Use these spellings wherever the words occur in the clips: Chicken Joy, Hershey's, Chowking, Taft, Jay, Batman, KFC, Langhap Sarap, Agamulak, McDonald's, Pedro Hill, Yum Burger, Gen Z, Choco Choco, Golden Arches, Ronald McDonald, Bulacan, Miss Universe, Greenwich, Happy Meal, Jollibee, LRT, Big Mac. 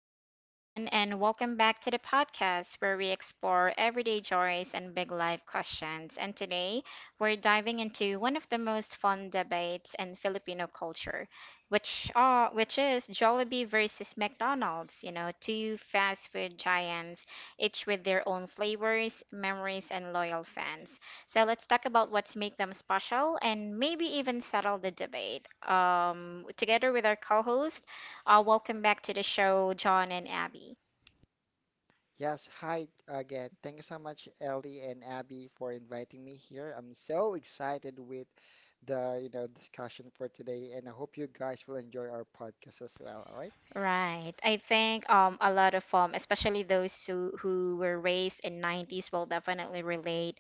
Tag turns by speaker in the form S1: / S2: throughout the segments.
S1: day, everyone, and welcome back to the podcast where we explore everyday joys and big life questions. And today, we're diving into one of the most fun debates in Filipino culture, which is Jollibee versus McDonald's. You know, two fast food giants, each with their own flavors, memories, and loyal fans. So let's talk about what's make them special, and maybe even settle the debate. Together with our co-host. Welcome back to the show, John and Abby.
S2: Yes, hi again. Thank you so much, Ellie and Abby, for inviting me here. I'm so excited with the discussion for today, and I hope you guys will enjoy our podcast as well. All right?
S1: Right. I think a lot of especially those who were raised in 90s will definitely relate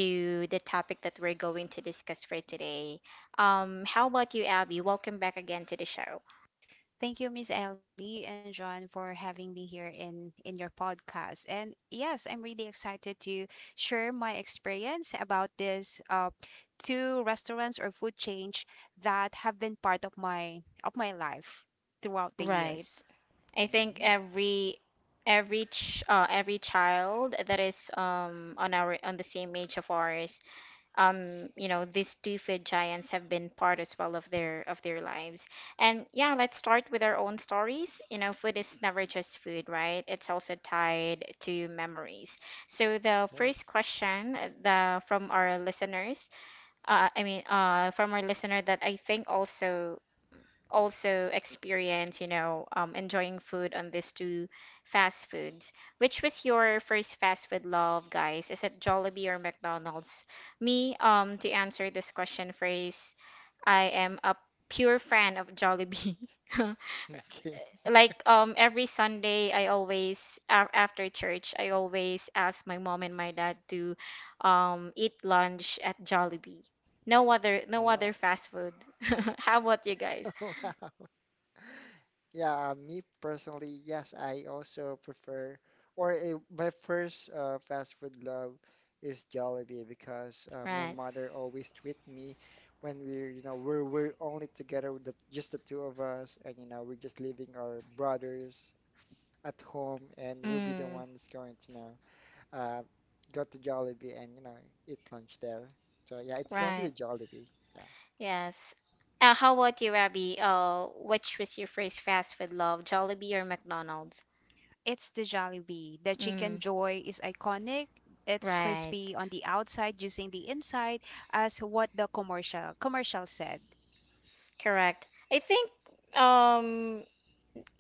S1: to the topic that we're going to discuss for today. How about you, Abby? Welcome back again to the show.
S3: Thank you, Miss Ellie and John, for having me here in your podcast. And yes, I'm really excited to share my experience about this two restaurants or food change that have been part of my life throughout the
S1: Right.
S3: years.
S1: I think
S2: Mm-hmm.
S1: every child that is on our on the same age of ours, you know, these two food giants have been part as well of their lives. And yeah, let's start with our own stories. You know, food is never just food, right? It's also tied to memories. So the first
S2: Yes.
S1: question the from our from our listener that I think also also experience, you know, enjoying food on these two fast foods. Which was your first fast food love, guys? Is it Jollibee or McDonald's? To answer this question first, I am a pure fan of Jollibee.
S2: Okay.
S1: Like every Sunday, I always after church, I always ask my mom and my dad to eat lunch at Jollibee. No other
S2: Oh.
S1: fast food. How about you guys?
S2: Wow. Yeah, me personally, yes, I also prefer, or my first fast food love is Jollibee because my
S1: Right.
S2: mother always treat me when we're, you know, we're only together with just the two of us, and you know, we're just leaving our brothers at home, and we'll be the
S1: Mm,
S2: ones going to, you know, uh, go to Jollibee and you know, eat lunch there. So yeah, it's going to be
S1: right.
S2: Jollibee. Yeah.
S1: Yes. How about you, Rabbi? Which was your first fast food love, Jollibee or McDonald's?
S3: It's the Jollibee. The
S1: Mm,
S3: chicken joy is iconic. It's
S1: right.
S3: crispy on the outside, juicing the inside, as what the commercial said.
S1: Correct. I think um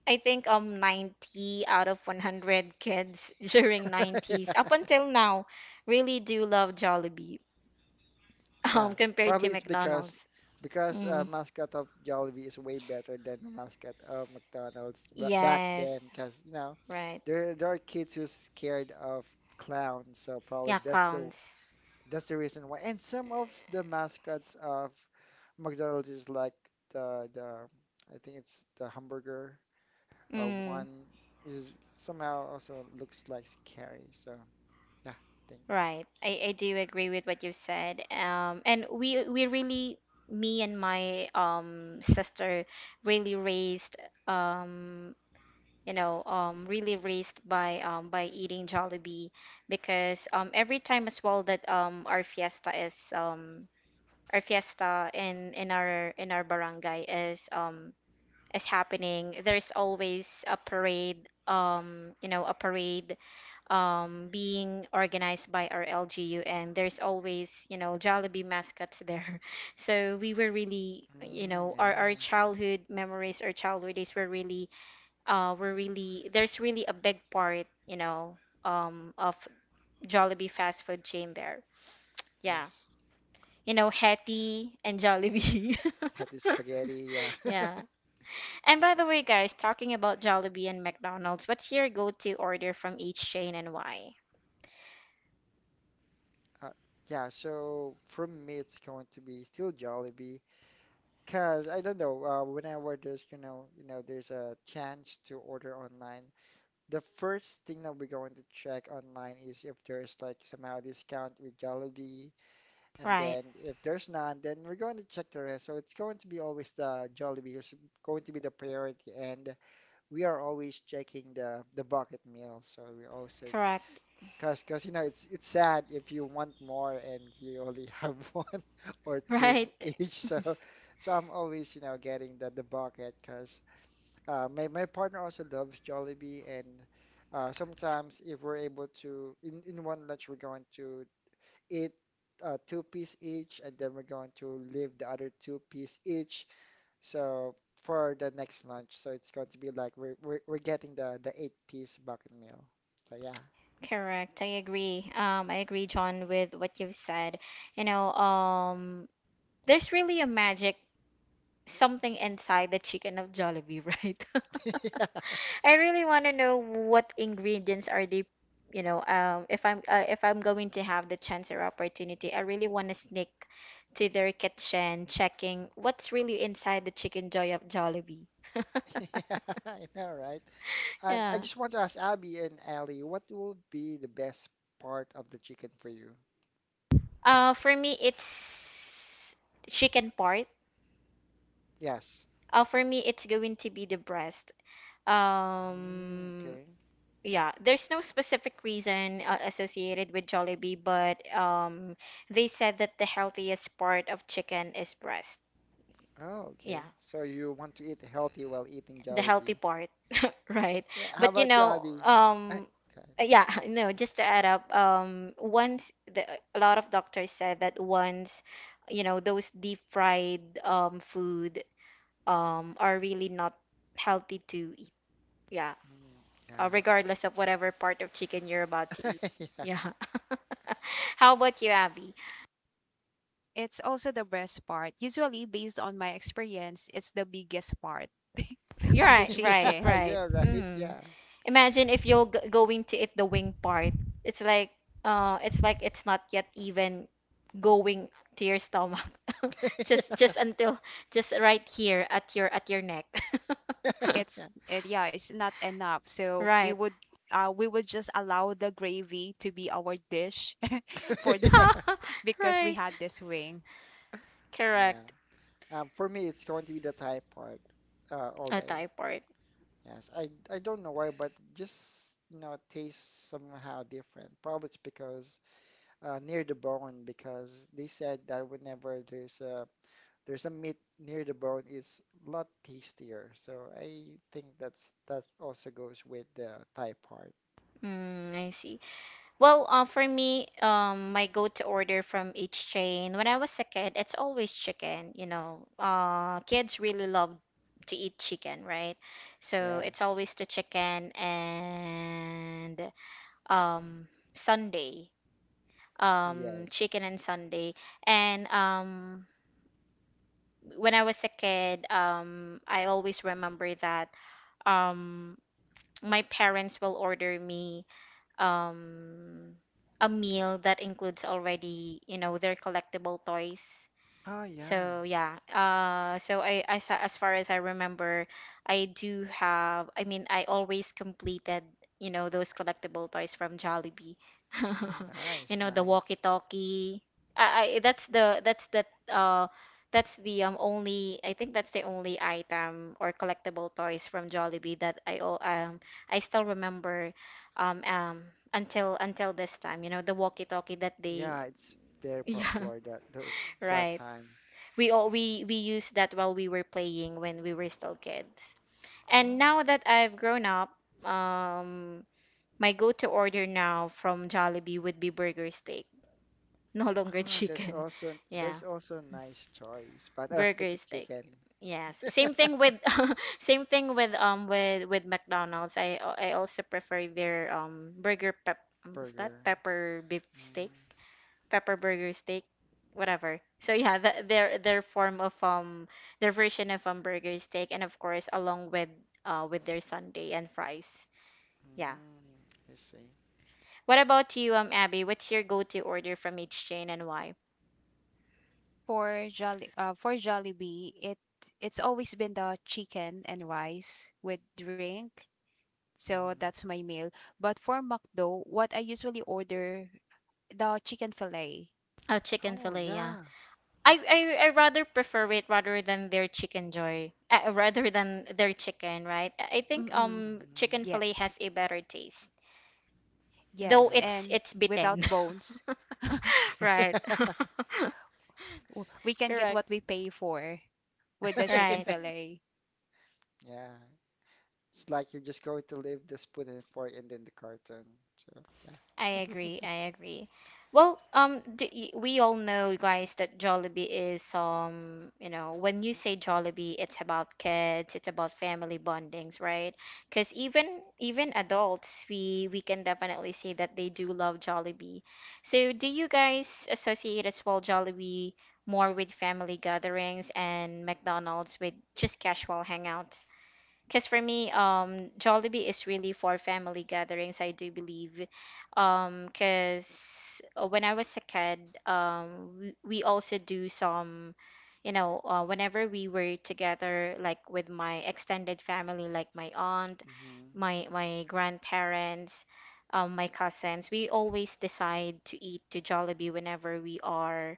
S1: I think 90 out of 100 kids during 90s up until now really do love Jollibee,
S2: Yeah,
S1: compared to
S2: probably it's because
S1: McDonald's.
S2: because uh,
S1: Mm,
S2: mascot of Jollibee is way better than the mascot of McDonald's back
S1: yes.
S2: then. Because you know,
S1: Right.
S2: there are kids who's scared of clowns, so probably
S1: Yeah,
S2: that's the
S1: clowns.
S2: that's the reason why. And some of the mascots of McDonald's is like the I think it's the hamburger
S1: Mm,
S2: one is somehow also looks like scary. So yeah, I think
S1: right. I do agree with what you said. And we really me and my sister really raised, um you know, really raised by eating Jollibee, because every time as well that our fiesta is our fiesta in in our barangay is happening, there's always a parade, you know, a parade, being organized by our LGU, and there's always, you know, Jollibee mascots there. So we were really, you
S2: mm,
S1: know, our
S2: yeah,
S1: childhood memories our childhood days were really, there's really a big part, you know, of Jollibee fast food chain there. Yeah.
S2: yes,
S1: You know, Hetty and Jollibee.
S2: had the spaghetti. Yeah.
S1: Yeah. And by the way, guys, talking about Jollibee and McDonald's, what's your go-to order from each chain and why?
S2: Uh, yeah, so for me, it's going to be still Jollibee, cause I don't know. Whenever there's you know, there's a chance to order online, the first thing that we're going to check online is if there's like somehow discount with Jollibee, and
S1: Right.
S2: then if there's none, then we're going to check the rest. So it's going to be always the Jollibee is going to be the priority, and we are always checking the bucket meal. So we're also
S1: Correct.
S2: cause you know it's sad if you want more and you only have one or two for
S1: Right.
S2: each. So, so I'm always you know getting the bucket. Cause my partner also loves Jollibee, and sometimes if we're able to in one lunch we're going to eat two piece each, and then we're going to leave the other two piece each. So for the next lunch, so it's going to be like we're getting the eight-piece bucket meal. So yeah.
S1: Correct. I agree. I agree, John, with what you've said. You know, there's really a magic something inside the chicken of Jollibee, right? I really want to know what ingredients are they, you know, if I'm going to have the chance or opportunity, I really want to sneak to their kitchen, checking what's really inside the chicken joy of Jollibee.
S2: Yeah, I know, right? And I
S1: Yeah.
S2: just want to ask Abby and Ali, what will be the best part of the chicken for you?
S1: For me, it's chicken part.
S2: Yes.
S1: For me, it's going to be the breast.
S2: Mm,
S1: Um,
S2: okay.
S1: Yeah, there's no specific reason associated with Jollibee, but they said that the healthiest part of chicken is breast.
S2: Oh,
S1: Yeah,
S2: okay. So you want to eat healthy while eating
S1: the healthy
S2: Jollibee.
S1: part, right?
S2: Yeah, how
S1: But you
S2: about you,
S1: know,
S2: Abby? I, okay.
S1: yeah, no, just to add up, once the a lot of doctors said that once, you know, those deep fried food are really not healthy to eat. Yeah,
S2: Mm, yeah.
S1: regardless of whatever part of chicken you're about to eat.
S2: Yeah.
S1: Yeah. How about you, Abby?
S3: It's also the breast part. Usually, based on my experience, it's the biggest part
S1: You're
S3: of the
S1: right, right,
S2: Yeah,
S3: chicken.
S1: right.
S2: you're right.
S1: Mm.
S2: Yeah.
S1: Imagine if you're g going to eat the wing part. It's like, it's not yet even going to your stomach. Just,
S2: Yeah.
S1: just until, just right here at your neck.
S3: It's it, yeah, it's not enough. So we
S1: Right.
S3: would uh we would just allow the gravy to be our dish for
S2: Yeah.
S3: this because we
S1: Right.
S3: had this wing.
S2: Yeah.
S1: Correct.
S2: For me, it's going to be the Thai part all
S1: A
S2: day.
S1: thigh part.
S2: Yes, I don't know why, but just you know tastes somehow different. Probably it's because near the bone, because they said that whenever there's a meat near the bone is a lot tastier. So I think that's that also goes with the Thai part.
S1: Mm, I see. Well, for me, my go-to order from each chain when I was a kid, it's always chicken. You know, kids really love to eat chicken, right? So it's
S2: Yes,
S1: always the chicken and um, Sunday,
S2: yes.
S1: chicken and Sunday. And when I was a kid, I always remember that um, my parents will order me um a meal that includes already, you know, their collectible toys.
S2: Oh yeah,
S1: So yeah, as far as I remember, I do have. I mean, I always completed, you know, those collectible toys from Jollibee.
S2: mm,
S1: You
S2: nice,
S1: know, the
S2: nice.
S1: walkie-talkie. I that's the that's the uh that's the only I think that's the only item or collectible toys from Jollibee that I still remember um um until this time. You know, the walkie-talkie that they
S2: Yeah, it's very
S1: yeah.
S2: popular that those that
S1: Right.
S2: time.
S1: We used that while we were playing when we were still kids. And
S2: Oh.
S1: now that I've grown up, um, my go-to order now from Jollibee would be burger steak, no longer
S2: Ah, that's
S1: chicken.
S2: also
S1: Yeah,
S2: that's also a nice choice, but I'll stick
S1: burger
S2: with
S1: steak.
S2: chicken
S1: Yes, same thing with same thing with McDonald's. I also prefer their burger pep what's that?
S2: burger.
S1: Pepper beef steak.
S2: Mm.
S1: Pepper burger steak whatever, so yeah, their form of their version of burger steak, and of course along with their sundae and fries, yeah.
S2: Mm, I see.
S1: What about you, Abby? What's your go-to order from each chain and why?
S3: For Jollibee, it's always been the chicken and rice with drink. So
S2: Hmm.
S3: that's my meal. But for McDo, what I usually order the chicken fillet.
S1: Oh, chicken
S2: Oh
S1: fillet, yeah.
S2: yeah.
S3: Eh,
S1: I rather prefer it rather than their chicken joy, rather than their chicken, right? I think
S3: Mm-mm.
S1: chicken
S2: Hmm.
S1: fillet
S3: Yes.
S1: has a better taste, though
S3: Yes, and
S2: Yes.
S1: it's
S3: without
S1: bitten.
S3: bones.
S1: Right.
S3: We can get
S1: Correct.
S3: what we pay for with the chicken
S1: Right.
S2: Yeah.
S3: fillet.
S2: Yeah. It's like you're just going to leave the spoon and fork and then the carton. So yeah.
S1: I agree. I agree. Well, d y we all know, guys, that Jollibee is you know, when you say Jollibee, it's about kids, it's about family bondings, right? Because even even adults, we can definitely say that they do love Jollibee. So, do you guys associate as well Jollibee more with family gatherings and McDonald's with just casual hangouts? Because for me, Jollibee is really for family gatherings, I do believe. Because when I was a kid, we also do some, you know, whenever we were together, like with my extended family, like my aunt,
S2: Hmm.
S1: my grandparents, my cousins, we always decide to eat to Jollibee whenever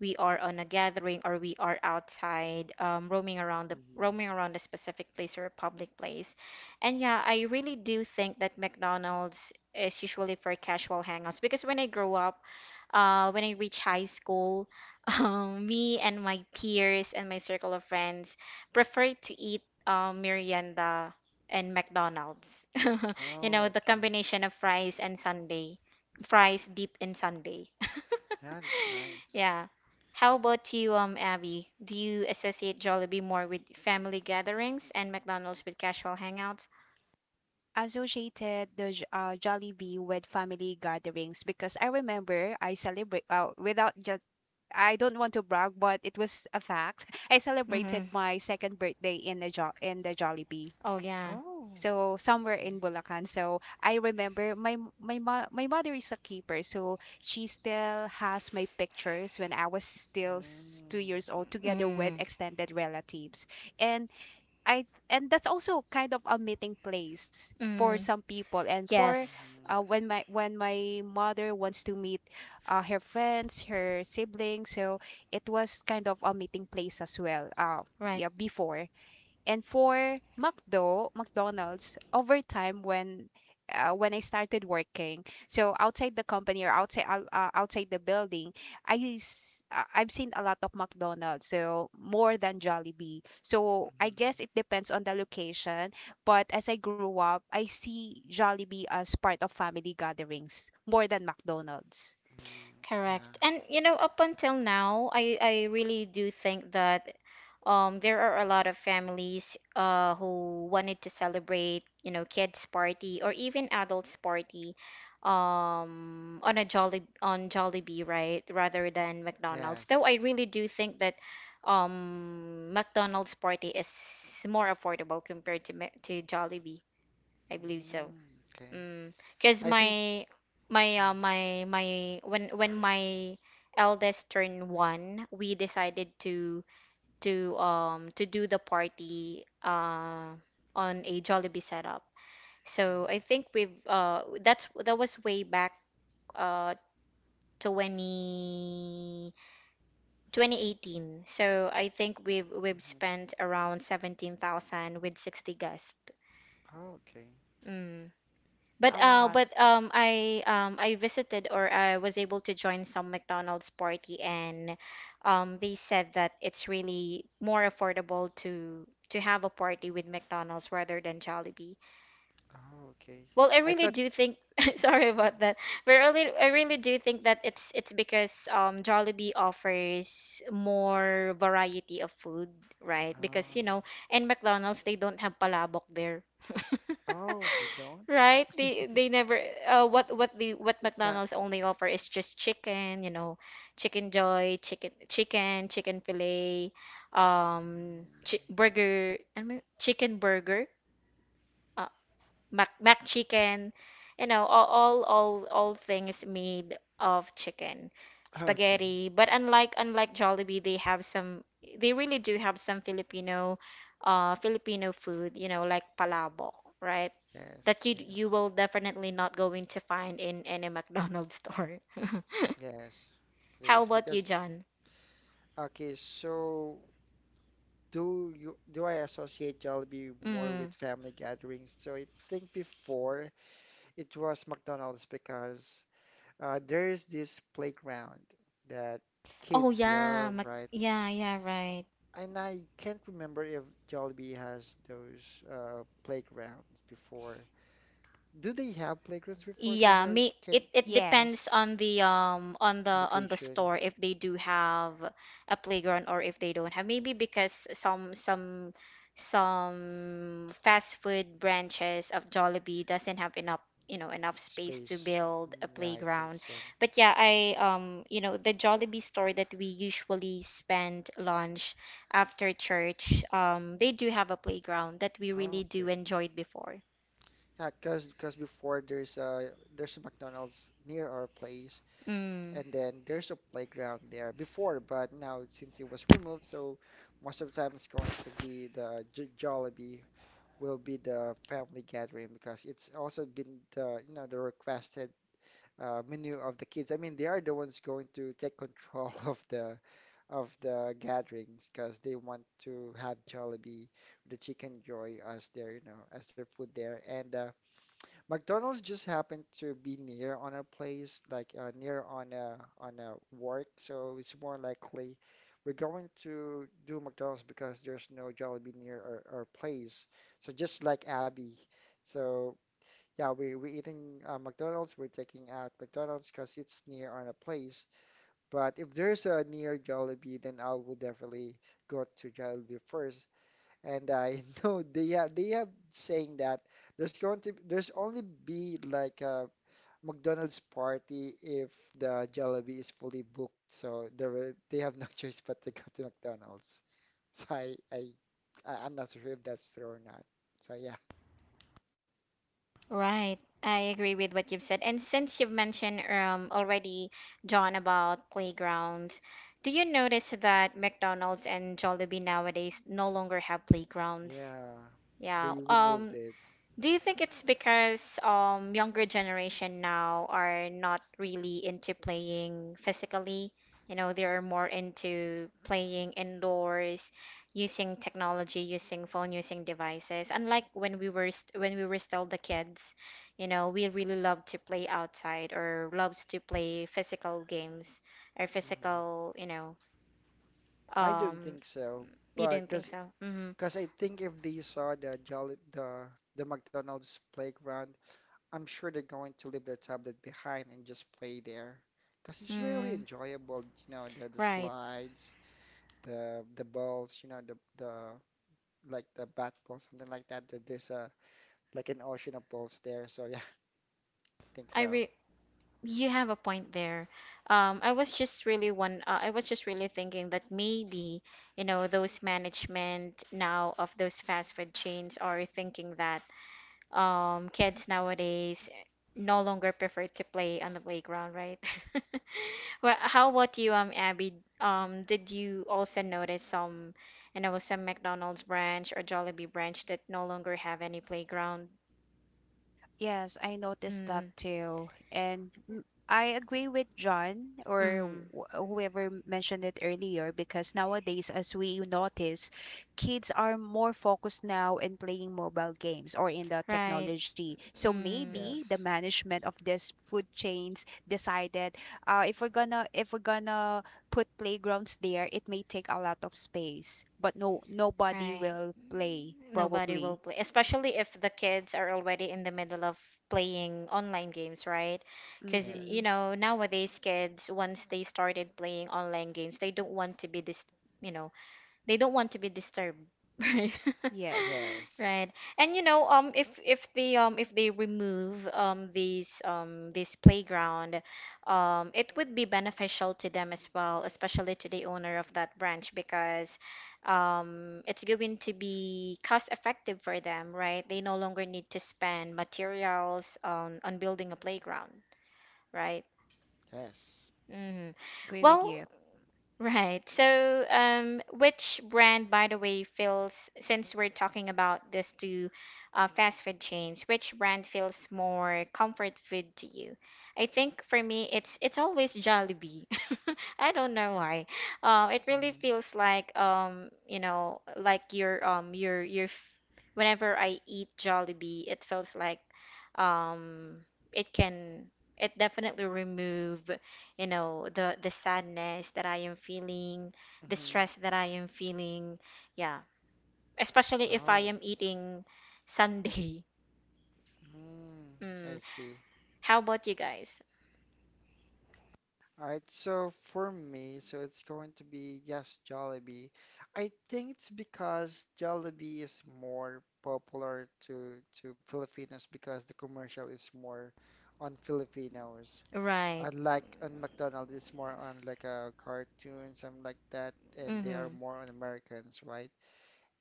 S1: we are on a gathering or we are outside, roaming around the
S2: Hmm.
S1: roaming around a specific place or a public place. And yeah, I really do think that McDonald's is usually for casual hangouts because when I grow up, when I reach high school, me and my peers and my circle of friends prefer to eat merienda and McDonald's. You know,
S2: Oh,
S1: the
S2: okay.
S1: combination of fries and sundae, fries deep in sundae.
S2: Yeah, that's nice.
S1: Yeah. How about you, Abby? Do you associate Jollibee more with family gatherings and McDonald's with casual hangouts?
S3: Associated the Jollibee with family gatherings because I remember I celebrate without just I don't want to brag, but it was a fact. I
S1: Mm-hmm.
S3: celebrated my second birthday in the Jollibee.
S1: Oh yeah.
S2: Oh,
S3: So somewhere in
S2: okay.
S3: Bulacan. So I remember my m- my mo- my mother is a keeper, so she still has my pictures when I was still two
S2: Mm.
S3: years old, together with
S1: Mm.
S3: extended relatives. And that's also kind of a meeting place for
S1: Mm.
S3: some people and for
S1: Yes.
S2: Mm-hmm.
S3: when my mother wants to meet her friends, her siblings. So it was kind of a meeting place as well,
S1: Right.
S3: yeah, before. And for McDo, McDonald's, over time when I started working, so outside the company or outside outside the building, I've seen a lot of McDonald's, so more than Jollibee. So I guess it
S2: Mm-hmm.
S3: depends on the location, but as I grew up, I see Jollibee as part of family gatherings more than McDonald's.
S2: Mm-hmm. Yeah.
S1: Correct. And you know, up until now, I really do think that there are a lot of families who wanted to celebrate, you know, kids party or even adults party on a Jolly on Jollibee, right, rather than McDonald's. Though
S2: Yes.
S1: I really do think that McDonald's party is more affordable compared to Jollibee. I believe so.
S2: Mm, okay.
S1: Because
S2: I think.
S1: my
S2: Mm.
S1: my when my eldest turned one, we decided to to do the party on a Jollibee setup. So I
S2: Hmm.
S1: think we've that's that was way back uh 20 2018. So I think we've
S2: Hmm.
S1: spent around 17,000 with 60 guests.
S2: Oh, okay.
S1: Mm.
S3: That's
S1: But
S3: a lot.
S1: I visited or I was able to join some McDonald's party, and they said that it's really more affordable to have a party with McDonald's rather than Jollibee.
S2: Oh, okay.
S1: Well, I
S2: I
S1: really
S2: thought.
S1: do think sorry about that, but I really do think that it's because Jollibee offers more variety of food, right? Because you
S2: Um,
S1: know, in McDonald's they don't have palabok there.
S2: oh, they don't.
S1: Right? They never what what the what
S2: It's not.
S1: McDonald's only offer is just chicken, you know, chicken joy, chicken fillet,
S2: Mm,
S1: chicken burger. Uh, mac chicken, you know, all things made of chicken,
S2: oh, okay.
S1: spaghetti. But unlike Jollibee, they have some. They really do have some Filipino, Filipino food. You know, like palabo, right?
S2: Yes.
S1: That you
S2: Yes.
S1: will definitely not going to find in any McDonald's store.
S2: Yes. It
S1: How
S2: is
S1: about you,
S2: because.
S1: John?
S2: Okay. So, do you do I associate Jollibee more
S1: Mm.
S2: with family gatherings? So I think before it was McDonald's because there's this playground that
S1: Oh
S2: kids
S1: yeah,
S2: love,
S1: Mac
S2: right?
S1: yeah, yeah, right.
S2: And I can't remember if Jollibee has those playgrounds before. Do they have playgrounds before? Because
S1: Yeah,
S2: I
S1: me
S2: can
S1: it depends
S3: Yes.
S1: on the on the on the
S2: location
S1: store if they do have a playground or if they don't have. Maybe because some fast food branches of Jollibee doesn't have enough, enough space to
S2: space.
S1: build a
S2: Mm, yeah, I think
S1: playground.
S2: so.
S1: But yeah, the Jollibee store that we usually spend lunch after church, they do have a playground that we really
S2: Oh,
S1: do
S2: okay.
S1: enjoyed before.
S2: Yeah, because before there's a McDonald's near our place,
S1: Mm.
S2: and then there's a playground there before, but now since it was removed, so most of the time it's going to be the J Jollibee will be the family gathering because it's also been the you know the requested many of the kids. I mean, they are the ones going to take control of the gatherings because they want to have Jollibee, the Chicken Joy as their, you know, as their food there. And McDonald's just happened to be near on a place, like near on a work, so it's more likely we're going to do McDonald's because there's no Jollibee near our place. So just like Abby, so yeah, we eating McDonald's. We're taking out McDonald's because it's near on a place. But if there's a near Jollibee, then I will definitely go to Jollibee first. And I know they have saying that there's going to there's only be like a McDonald's party if the Jollibee is fully booked. So there will- they have no choice but to go to McDonald's. So I I I'm not sure if that's true or not. So yeah,
S1: Right. I agree with what you've said. And since you've mentioned already, John, about playgrounds, do you notice that McDonald's and Jollibee nowadays no longer have playgrounds?
S2: yeah,
S1: Yeah.
S2: they removed it.
S1: Do you think it's because younger generation now are not really into playing physically? You know, they're more into playing indoors, using technology, using phone, using devices. Unlike when we were st when we were still the kids, you know, we really loved to play outside or loves to play physical games or
S2: Mhm.
S1: physical, you know,
S2: I don't
S1: um,
S2: think so,
S1: you
S2: but
S1: didn't think
S2: because
S1: so? Mm-hmm.
S2: because I think if they saw the Jolly the McDonald's playground, I'm sure they're going to leave their tablet behind and just play there. Because it's really
S1: Mm,
S2: enjoyable, you know, the
S1: right.
S2: slides, the balls, you know, the like the bat ball, something like that. That there's a like an ocean of balls there. So yeah, I think
S1: I
S2: so.
S1: re You have a point there. I was just really one. I was just really thinking that maybe, you know, those management now of those fast food chains are thinking that kids nowadays no longer prefer to play on the playground, right? Well, how about you, Abby? Did you also notice some, you know, some McDonald's branch or Jollibee branch that no longer have any playground?
S3: Yes, I noticed that
S1: Mm,
S3: too. And I agree with John or
S1: mm,
S3: whoever mentioned it earlier because nowadays, as we notice, kids are more focused now in playing mobile games or in the
S1: right.
S3: technology. So
S1: Mm.
S3: maybe the
S2: Yes,
S3: management of these food chains decided, if we're gonna put playgrounds there, it may take a lot of space, but no nobody
S1: Right.
S3: will play
S1: Nobody will
S3: probably.
S1: play, especially if the kids are already in the middle of playing online games, right? Because, you
S3: Mm-mm.
S2: yes,
S1: know, nowadays kids, once they started playing online games, they don't want to be this, you know, they don't want to be disturbed right
S3: Yes.
S2: yes,
S1: right. And you know, if they remove these this playground, it would be beneficial to them as well, especially to the owner of that branch, because it's going to be cost effective for them, right? They no longer need to spend materials on building a playground, right?
S2: yes.
S1: Hmm.
S3: Agree with
S1: Well,
S3: you.
S1: right. So, which brand, by the way, feels, since we're talking about this two fast food chains, which brand feels more comfort food to you? I think for me, it's always Jollibee. I don't know why. It really
S2: Hmm.
S1: feels like you know, like your f- whenever I eat Jollibee, it feels like um it can it definitely remove, you know, the sadness that I am feeling, the
S2: Hmm.
S1: stress that I am feeling, yeah, especially if I
S2: Oh,
S1: am eating Sunday.
S2: mm, I
S1: Mm.
S2: see.
S1: How about you guys?
S2: All right, so for me, so it's going to be yes, Jollibee. I think it's because Jollibee is more popular to Filipinos because the commercial is more on Filipinos.
S1: Right.
S2: Unlike on McDonald's, it's more on like a cartoon, something like that, and they are
S1: Mm-hmm.
S2: more on Americans, right?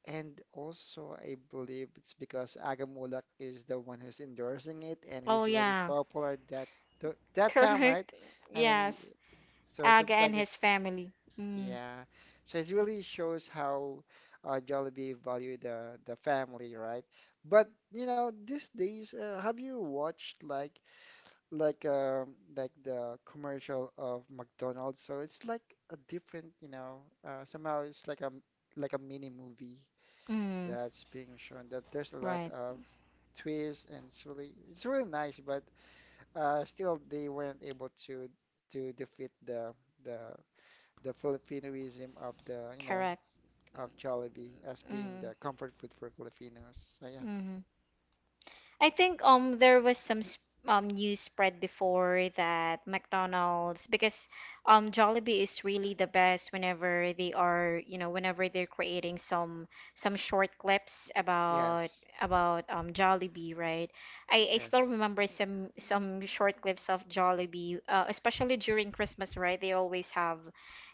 S2: And also, I believe it's because Agamulak is the one who's endorsing it, and he's
S1: Oh
S2: really
S1: yeah.
S2: popular that that time, right?
S1: Correct.
S2: I mean,
S1: Yes.
S2: so it
S1: Aga
S2: seems
S1: and
S2: like it,
S1: his family. Mm.
S2: yeah. So it really shows how Jollibee value the family, right? But you know, these days, have you watched like the commercial of McDonald's? So it's like a different, you know, somehow it's like a mini movie
S1: Mm.
S2: that's being shown that there's a lot
S1: Right.
S2: of twists and it's really nice but still they weren't able to defeat the the Filipinoism of the you know
S1: Correct.
S2: of Jollibee as being
S1: Mm.
S2: the comfort food for Filipinos so yeah
S1: Mm-hmm. I think there was some news spread before that McDonald's, because Jollibee is really the best whenever they are, you know, whenever they're creating some short clips about
S2: yes
S1: Jollibee, right? I still
S2: yes
S1: remember some short clips of Jollibee, especially during Christmas, right? They always have,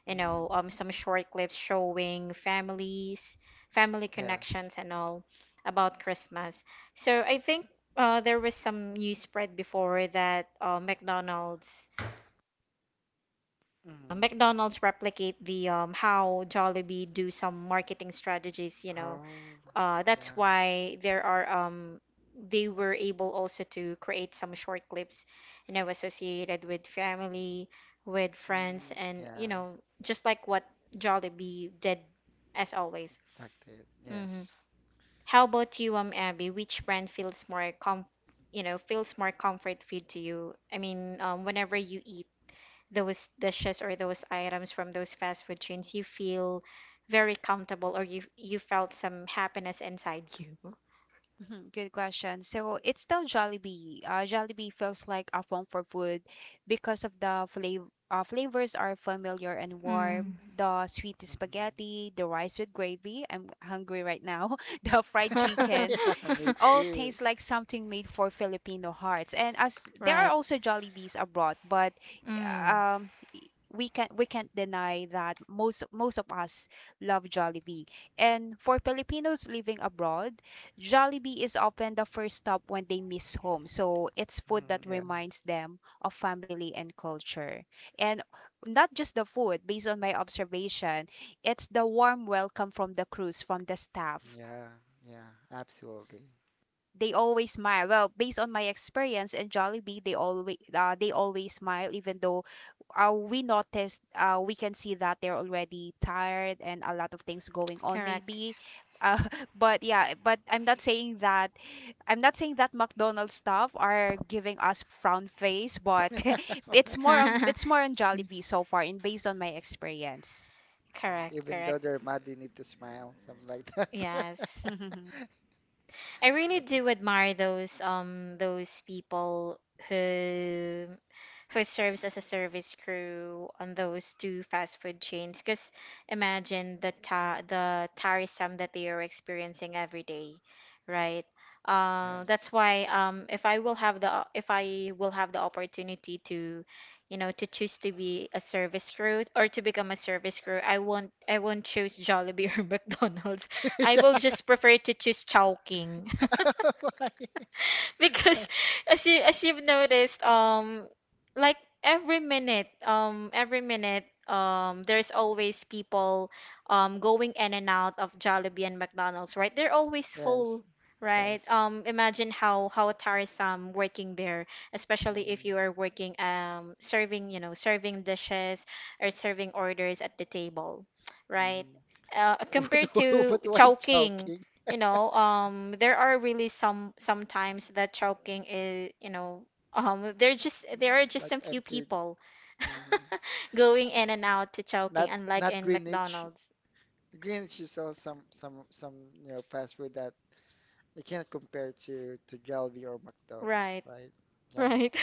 S1: you
S2: mm,
S1: know, some short clips showing families, family
S2: yes
S1: connections, and all about Christmas. So I think there was some news spread before that
S2: mm.
S1: McDonald's replicate the how Jollibee do some marketing strategies, you know.
S2: Oh
S1: That's
S2: yeah
S1: why there are they were able also to create some short clips, you know, associated with family, with friends,
S2: mm,
S1: and you
S2: yeah
S1: know, just like what Jollibee did as always.
S2: like that
S1: Mhm.
S2: yes
S1: How about you, Abby? Which brand feels more you know, feels more comfort food to you? I mean, whenever you eat those dishes or those items from those fast food chains, you feel very comfortable, or you felt some happiness inside you.
S3: Mhm. Good question. So it's still Jollibee. Jollibee feels like a home for food because of the flavor. Flavors are familiar and warm.
S1: Mm.
S3: The sweet
S2: hmm.
S3: spaghetti, the rice with gravy. I'm hungry right now. The fried chicken
S2: Yeah me
S3: all
S2: too.
S3: taste like something made for Filipino hearts. And as there are
S1: Right.
S3: also Jollibees abroad, but
S1: Mm,
S3: um, we can, we can't deny that most of us love Jollibee. And for Filipinos living abroad, Jollibee is often the first stop when they miss home. So it's food
S2: Mm,
S3: that
S2: yeah,
S3: reminds them of family and culture. And not just the food, based on my observation, it's the warm welcome from the crews, from the staff,
S2: yeah, yeah, absolutely.
S3: they always smile. Well, based on my experience in Jollibee, they always smile, even though we noticed we can see that they're already tired and a lot of things going on
S1: correct.
S3: maybe. Uh, but yeah, but I'm not saying that McDonald's staff are giving us frown face, but it's more on Jollibee so far, and based on my experience,
S1: Correct,
S2: Even though
S1: correct.
S2: they're mad, you need to smile, something like that.
S1: Yes. I really
S2: Okay.
S1: do admire those people who serves as a service crew on those two fast food chains. Because imagine the the tiresome that they are experiencing every day, right? That's
S2: Yes.
S1: why if I will have the if I will have the opportunity to, you know, to choose to be a service crew or to become a service crew, I won't choose Jollibee or McDonald's. I will just prefer to choose Chowking.
S2: Why?
S1: Because as you as you've noticed, like every minute, there's always people, going in and out of Jollibee and McDonald's, right? They're always
S2: Yes.
S1: full, right?
S2: Yes.
S1: Imagine how tiresome working there, especially if
S2: Mm-hmm.
S1: you are working, serving, you know, serving dishes or serving orders at the table, right?
S2: Mm-hmm. But,
S1: Compared to
S2: but why
S1: Chowking,
S2: choking?
S1: you know, there are really some sometimes that choking is, you know, there are just
S2: Like
S1: some few
S2: empty.
S1: people
S2: Hmm.
S1: going in and out to choking,
S2: Not
S1: unlike
S2: not
S1: in
S2: Greenwich.
S1: McDonald's,
S2: Greenwich is also some you know fast food that you can't compare to Jollibee or McDo,
S1: right?
S2: right? Yeah.
S1: Right.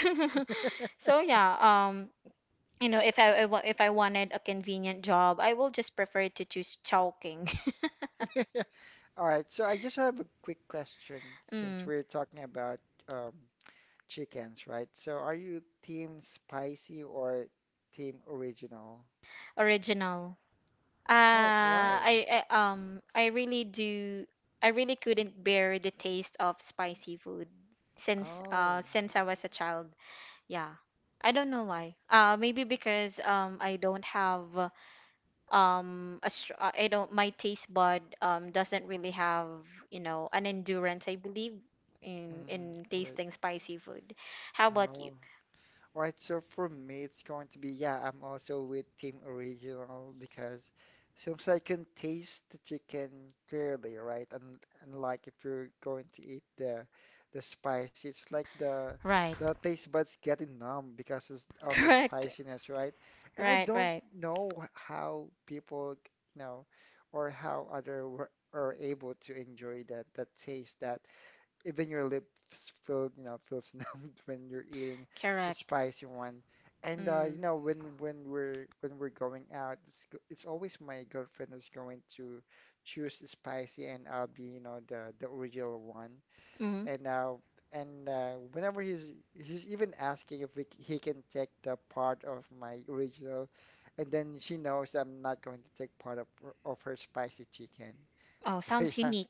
S1: So yeah, you know, if I wanted a convenient job, I will just prefer to choose choking.
S2: All right. So I just have a quick question since
S1: Mm.
S2: we're talking about um chickens, right? So are you team spicy or team original?
S1: Original.
S2: Oh, why?
S1: I really do, I really couldn't bear the taste of spicy food
S2: Oh,
S1: since I was a child. Yeah. I don't know why. Maybe because I don't have I don't, my taste bud doesn't really have, you know, an endurance, I believe, in
S2: mm, wait.
S1: tasting spicy food. How about you?
S2: Oh. Right, so for me, it's going to be, yeah, I'm also with Team Original because seems like I can taste the chicken clearly, right? And like if you're going to eat the spice, it's like
S1: Right.
S2: the taste buds getting numb because it's- of the
S1: Correct.
S2: spiciness, right? And I
S1: Right,
S2: don't
S1: right.
S2: know how people, you know, or how other were, are able to enjoy that that taste that even your lips feel, you know, feels numbed when you're eating a
S1: Correct.
S2: spicy one. And you
S1: Mm.
S2: know, when we're going out, it's, it's always my girlfriend who's going to choose spicy, and I'll be, you know, the original one. And uh, and whenever he's even asking if he can take the part of my original, and then she knows I'm not going to take part of her spicy chicken.
S1: Oh,
S2: So
S1: sounds
S2: yeah,
S1: unique.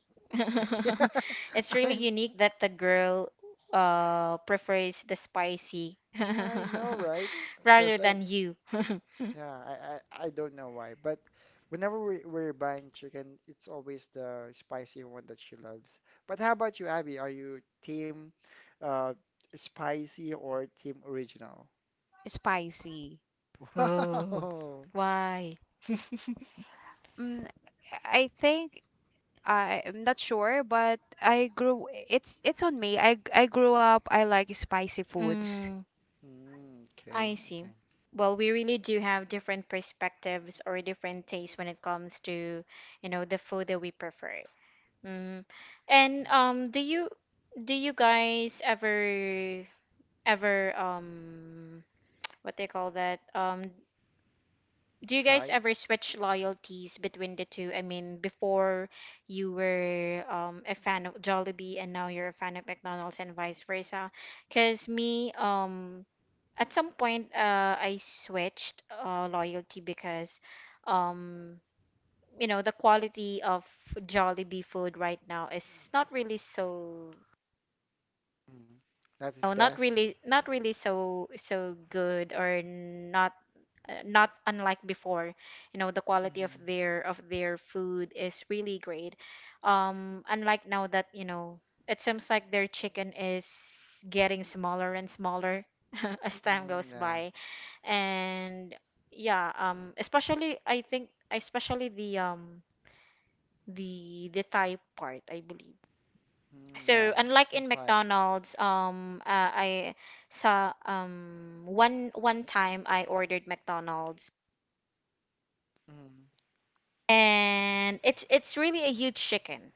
S2: yeah.
S1: It's
S2: I
S1: really
S2: mean,
S1: unique that the girl prefers the spicy
S2: yeah, I know, right?
S1: rather
S2: Because I,
S1: than you.
S2: yeah, I don't know why, but whenever we're buying chicken, it's always the spicy one that she loves. But how about you, Abby? Are you team uh, spicy or team original?
S3: spicy.
S1: Oh,
S2: Wow.
S1: why?
S3: Mm, I think am not sure, but I grew it's on me. I grew up, I like spicy foods.
S1: Mm,
S2: Mm, okay,
S1: I see.
S2: okay.
S1: Well, we really do have different perspectives or different tastes when it comes to, you know, the food that we prefer. Mm. And
S2: Mm.
S1: do you guys ever ever what they call that do you guys
S2: Try.
S1: ever switch loyalties between the two? I mean, before you were, a fan of Jollibee, and now you're a fan of McDonald's, and vice versa. Because me, at some point, I switched loyalty, because, um, you know, the quality of Jollibee food right now is not really so,
S2: Mm. That is
S1: no, not
S2: best.
S1: really, so good, or not not unlike before, you know, the quality of
S2: Mm,
S1: their food is really great. Unlike now, that, you know, it seems like their chicken is getting smaller and smaller as time goes
S2: mm, yeah.
S1: by. And yeah, especially, I think, especially the the thai part, I believe.
S2: Mm,
S1: So
S2: yeah.
S1: unlike in
S2: Seems like.
S1: McDonald's, I saw one one time I ordered McDonald's,
S2: Mm.
S1: and it's really a huge chicken,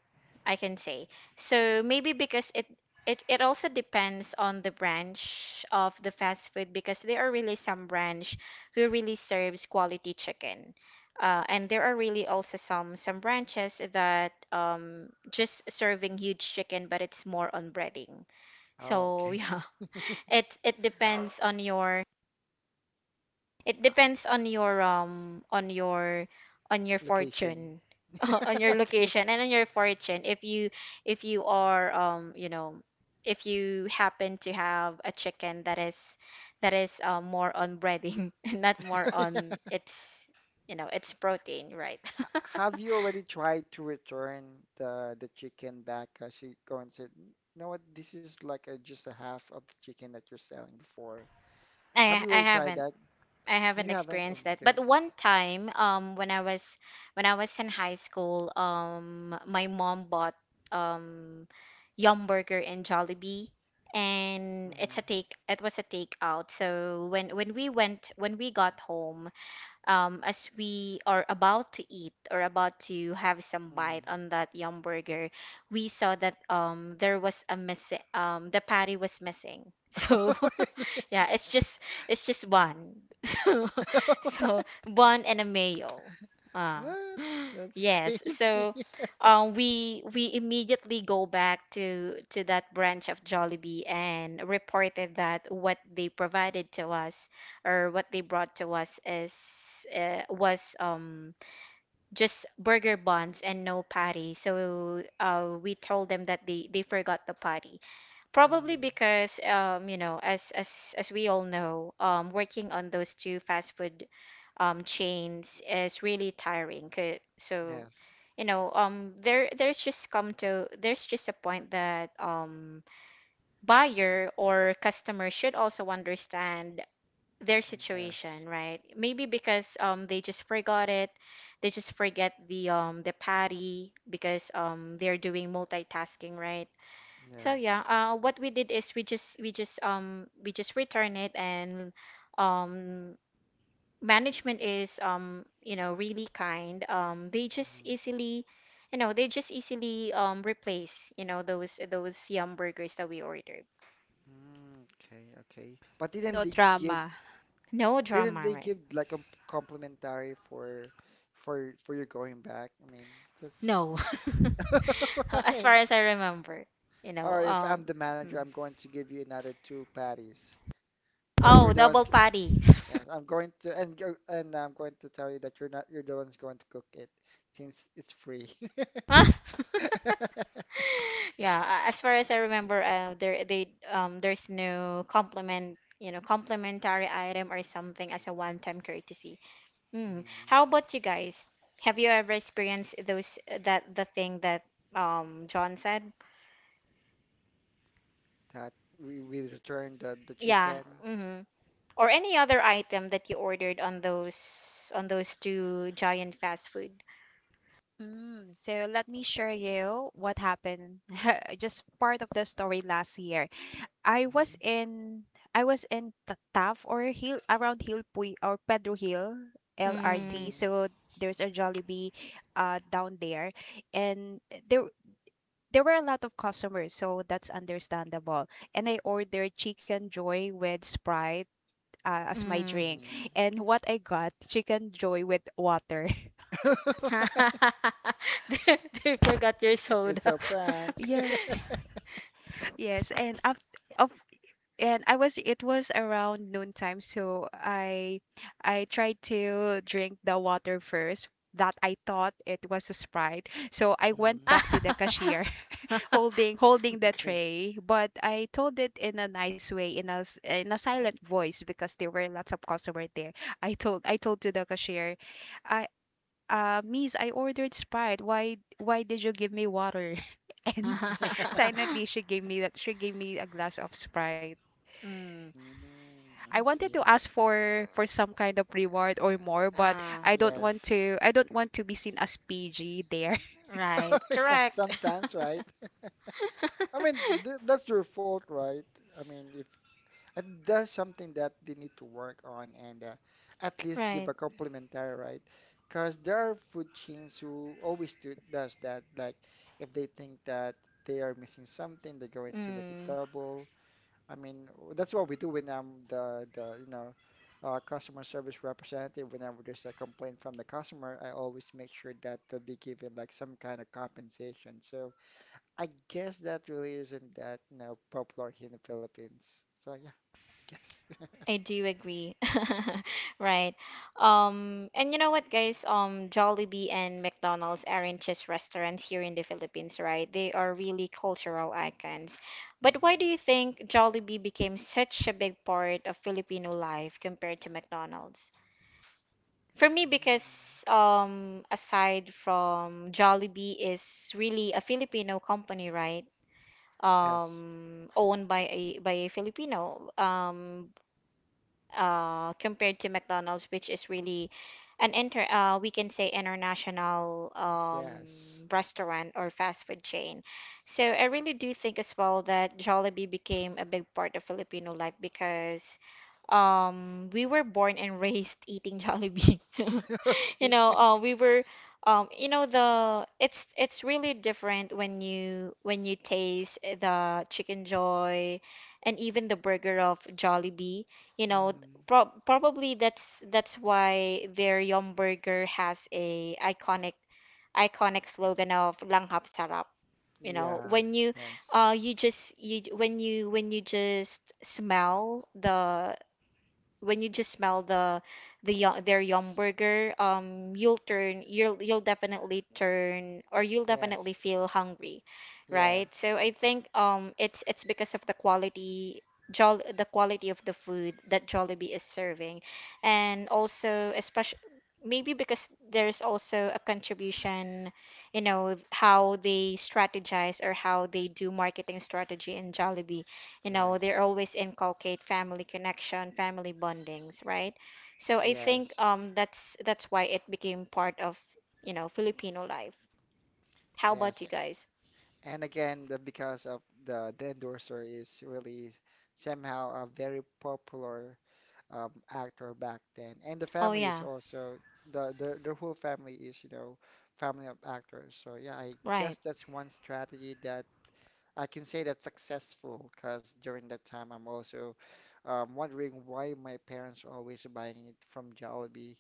S1: I can say. So maybe because it also depends on the branch of the fast food, because there are really some branch who really serves quality chicken, and there are really also some branches that just serving huge chicken but it's more on breading.
S2: Oh,
S1: So
S2: okay.
S1: yeah, it it depends on your it
S2: Ah,
S1: depends on your
S2: location.
S1: fortune, on your location and on your fortune. If you are, you know, if you happen to have a chicken that is more on breading, and not more on its, you know, its protein, right?
S2: Ha, have you already tried to return the chicken back? Cause she go and said, "N- You know what? This is like a, just a half of the chicken that you're selling before." Have
S1: I
S2: you
S1: I
S2: already tried
S1: haven't.
S2: that?
S1: I
S2: Oh,
S1: haven't
S2: you haven't? Oh,
S1: experienced that.
S2: okay.
S1: But one time, when I was in high school, my mom bought um Yum Burger and Jollibee, and
S2: Hmm.
S1: it's a take it was a takeout. So when we went when we got home, as we are about to eat or about to have some bite
S2: Hmm.
S1: on that yum burger, we saw that there was a missing, the patty was missing. So, yeah, it's just, it's just one. So, so bun and a mayo. Uh,
S2: What? That's
S1: yes.
S2: crazy.
S1: So, we immediately go back to that branch of Jollibee and reported that what they provided to us or what they brought to us is was just burger buns and no patty. So we told them that they forgot the patty. Probably
S2: Mm,
S1: because, you know, as we all know, working on those two fast food chains is really tiring. 'Cause- So,
S2: yes,
S1: you know, there's just a point that buyer or customer should also understand their
S2: mm,
S1: situation,
S2: yes,
S1: right? Maybe because they just forgot it. They just forget the patty because they're doing multitasking, right? So yeah,
S2: yes.
S1: what we did is we just return it, and um management is you know, really kind. They just
S2: Mm-hmm.
S1: easily, you know, they just easily replace, you know, those yum burgers that we ordered.
S2: Mm, okay, okay. But didn't
S3: No
S2: they give?
S3: drama.
S1: No
S2: Didn't
S1: drama,
S2: they
S1: right?
S2: give like a complimentary for for your going back? I mean, that's.
S1: No. As far
S2: Right.
S1: as I remember, you know,
S2: Or if I'm the manager,
S1: mm.
S2: I'm going to give you another two patties. But you're
S1: Oh,
S2: the ones.
S1: double patty.
S2: Yes, I'm going to, and I'm going to tell you that you're not. You're the ones going to cook it, since it's free.
S1: Huh? Yeah, a- as far as I remember, there they there's no complement, complimentary item or something as a one-time courtesy. Mm.
S2: Mhm.
S1: How about you guys? Have you ever experienced those that the thing that John said?
S2: That we return the
S1: Yeah.
S2: chicken.
S1: Mm-hmm. Or any other item that you ordered on those two giant fast food?
S3: Mm, so let me share you what happened. Just part of the story last year. I was
S2: Mhm,
S3: in I was in Taft or Hill, around Hill Puy or Pedro Hill
S1: Mm.
S3: LRT.
S2: mhm,
S3: So there's a Jollibee down there, and there there were a lot of customers, so that's understandable. And I ordered chicken joy with Sprite as my
S1: Mm.
S3: drink.
S2: mhm.
S3: And what I got, chicken joy with water.
S1: they, they forgot your
S2: It's
S1: soda.
S2: a prank.
S3: Yes, yes. And after of and I was, it was around noontime, so I tried to drink the water first that I thought it was a Sprite. So I went
S2: Mhm.
S3: back to the cashier, holding the
S2: Okay.
S3: tray, but I told it in a nice way, in a in a silent voice because there were lots of customer there. I told to the cashier, I miss, I ordered Sprite, why did you give me water? And silently she gave me a glass of Sprite.
S1: Mm.
S2: Mm,
S3: I
S2: I
S3: wanted to
S2: see.
S3: ask for some kind of reward or more, but
S1: Ah,
S2: Yes.
S3: I don't want to be seen as PG there.
S1: right.
S2: Yeah,
S1: Correct.
S2: sometimes, right? I mean, th that's their fault, right? I mean, if and that's something that they need to work on and at least give
S1: Right.
S2: a complimentary, right? Because there are food chains who always do does that. Like, if they think that they are missing something, they're going to make it
S1: Mm.
S2: double. I mean, that's what we do when I'm the customer service representative. Whenever there's a complaint from the customer, I always make sure that they'll be given like some kind of compensation. So. I guess that really isn't that, you know, popular here in the Philippines. So yeah, I guess.
S1: I do agree. Right. And you know what, guys? Jollibee and McDonald's aren't just restaurants here in the Philippines, right? They are really cultural icons. But why do
S2: Hmm.
S1: you think Jollibee became such a big part of Filipino life compared to McDonald's? For me, because aside from Jollibee is really a Filipino company, right?
S2: Yes.
S1: Owned by a Filipino. Compared to McDonald's, which is really an inter we can say international
S2: Yes.
S1: restaurant or fast food chain. So I really do think as well that Jollibee became a big part of Filipino life because we were born and raised eating Jollibee. You
S2: Okay.
S1: know, we were, you know, the it's really different when you taste the Chicken Joy and even the burger of Jollibee. You know,
S2: Hmm.
S1: probably that's why their Yum Burger has a iconic slogan of Langhap Sarap. You know,
S2: Yeah.
S1: when you
S2: Yes.
S1: when you just smell the when you just smell the the yo- their yum burger, you'll turn you'll definitely turn or you'll definitely
S2: Yes.
S1: feel hungry, right?
S2: Yes.
S1: So I think it's because of the quality Jol the quality of the food that Jollibee is serving, and also especially maybe because there's also a contribution, you know, how they strategize or how they do marketing strategy in Jollibee. You know, they
S2: Yes.
S1: always inculcate family connection, family bondings, right? So I think
S2: Yes.
S1: that's why it became part of, you know, Filipino life. How about
S2: Yes.
S1: you guys?
S2: And again, the because of the endorser is really somehow a very popular actor back then. And the
S1: Oh
S2: family is
S1: yeah.
S2: also the the whole family is, you know, family of actors. So yeah, I guess
S1: Right.
S2: that's one strategy that I can say that's successful because during that time I'm also wondering why my parents are always buying it from Jollibee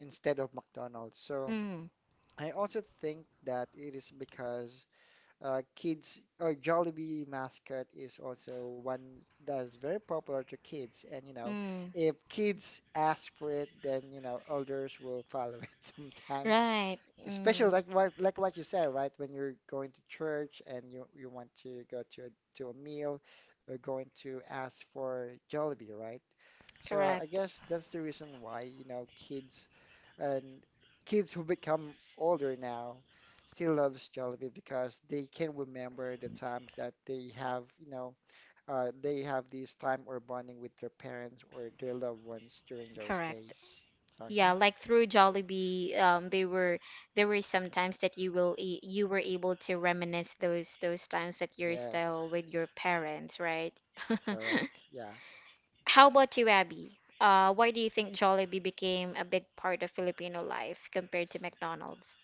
S2: instead of McDonald's. So
S1: Mm.
S2: I also think that it is because kids or Jollibee mascot is also one that is very popular to kids. And you know,
S1: Mm.
S2: if kids ask for it, then you know elders will follow it sometimes.
S1: Right.
S2: Especially
S1: Mm.
S2: like what you said, right? When you're going to church and you want to go to a meal, you're going to ask for Jollibee, right? So I
S1: Correct.
S2: guess that's the reason why, you know, kids and kids who become older now still loves Jollibee because they can remember the times that they have, you know, they have this time or bonding with their parents or their loved ones during those
S1: Correct.
S2: days. So
S1: Yeah,
S2: yeah,
S1: like through Jollibee, they were there were some times that you will you were able to reminisce those times that you're still
S2: yes,
S1: with your parents, right?
S2: correct, yeah,
S1: How about you, Abby? Why do you think Jollibee became a big part of Filipino life compared to McDonald's?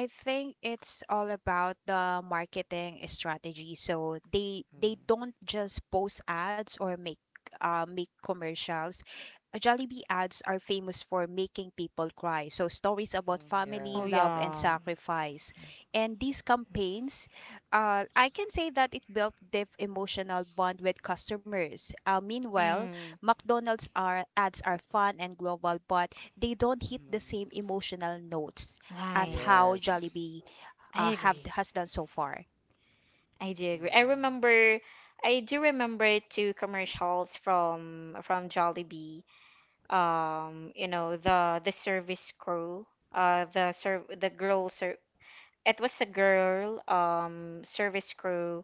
S3: I think it's all about the marketing strategy. So they
S2: mm
S3: don't just post ads or make make commercials. Jollibee ads are famous for making people cry. So stories about
S2: mm,
S3: family,
S1: Oh
S2: yeah,
S3: love, and
S1: yeah.
S3: sacrifice. And these campaigns, I can say that it built deep emotional bond with customers. Meanwhile,
S1: Mm.
S3: McDonald's are ads are fun and global, but they don't hit the same
S2: mm
S3: emotional notes as
S1: Right.
S3: how
S2: yes,
S3: Jollibee
S1: I
S3: have
S1: agree.
S3: has done so far.
S1: I do agree. I
S2: mm
S1: remember, I do remember two commercials from Jollibee. You know the service crew, the serv the girl ser it was a girl service crew,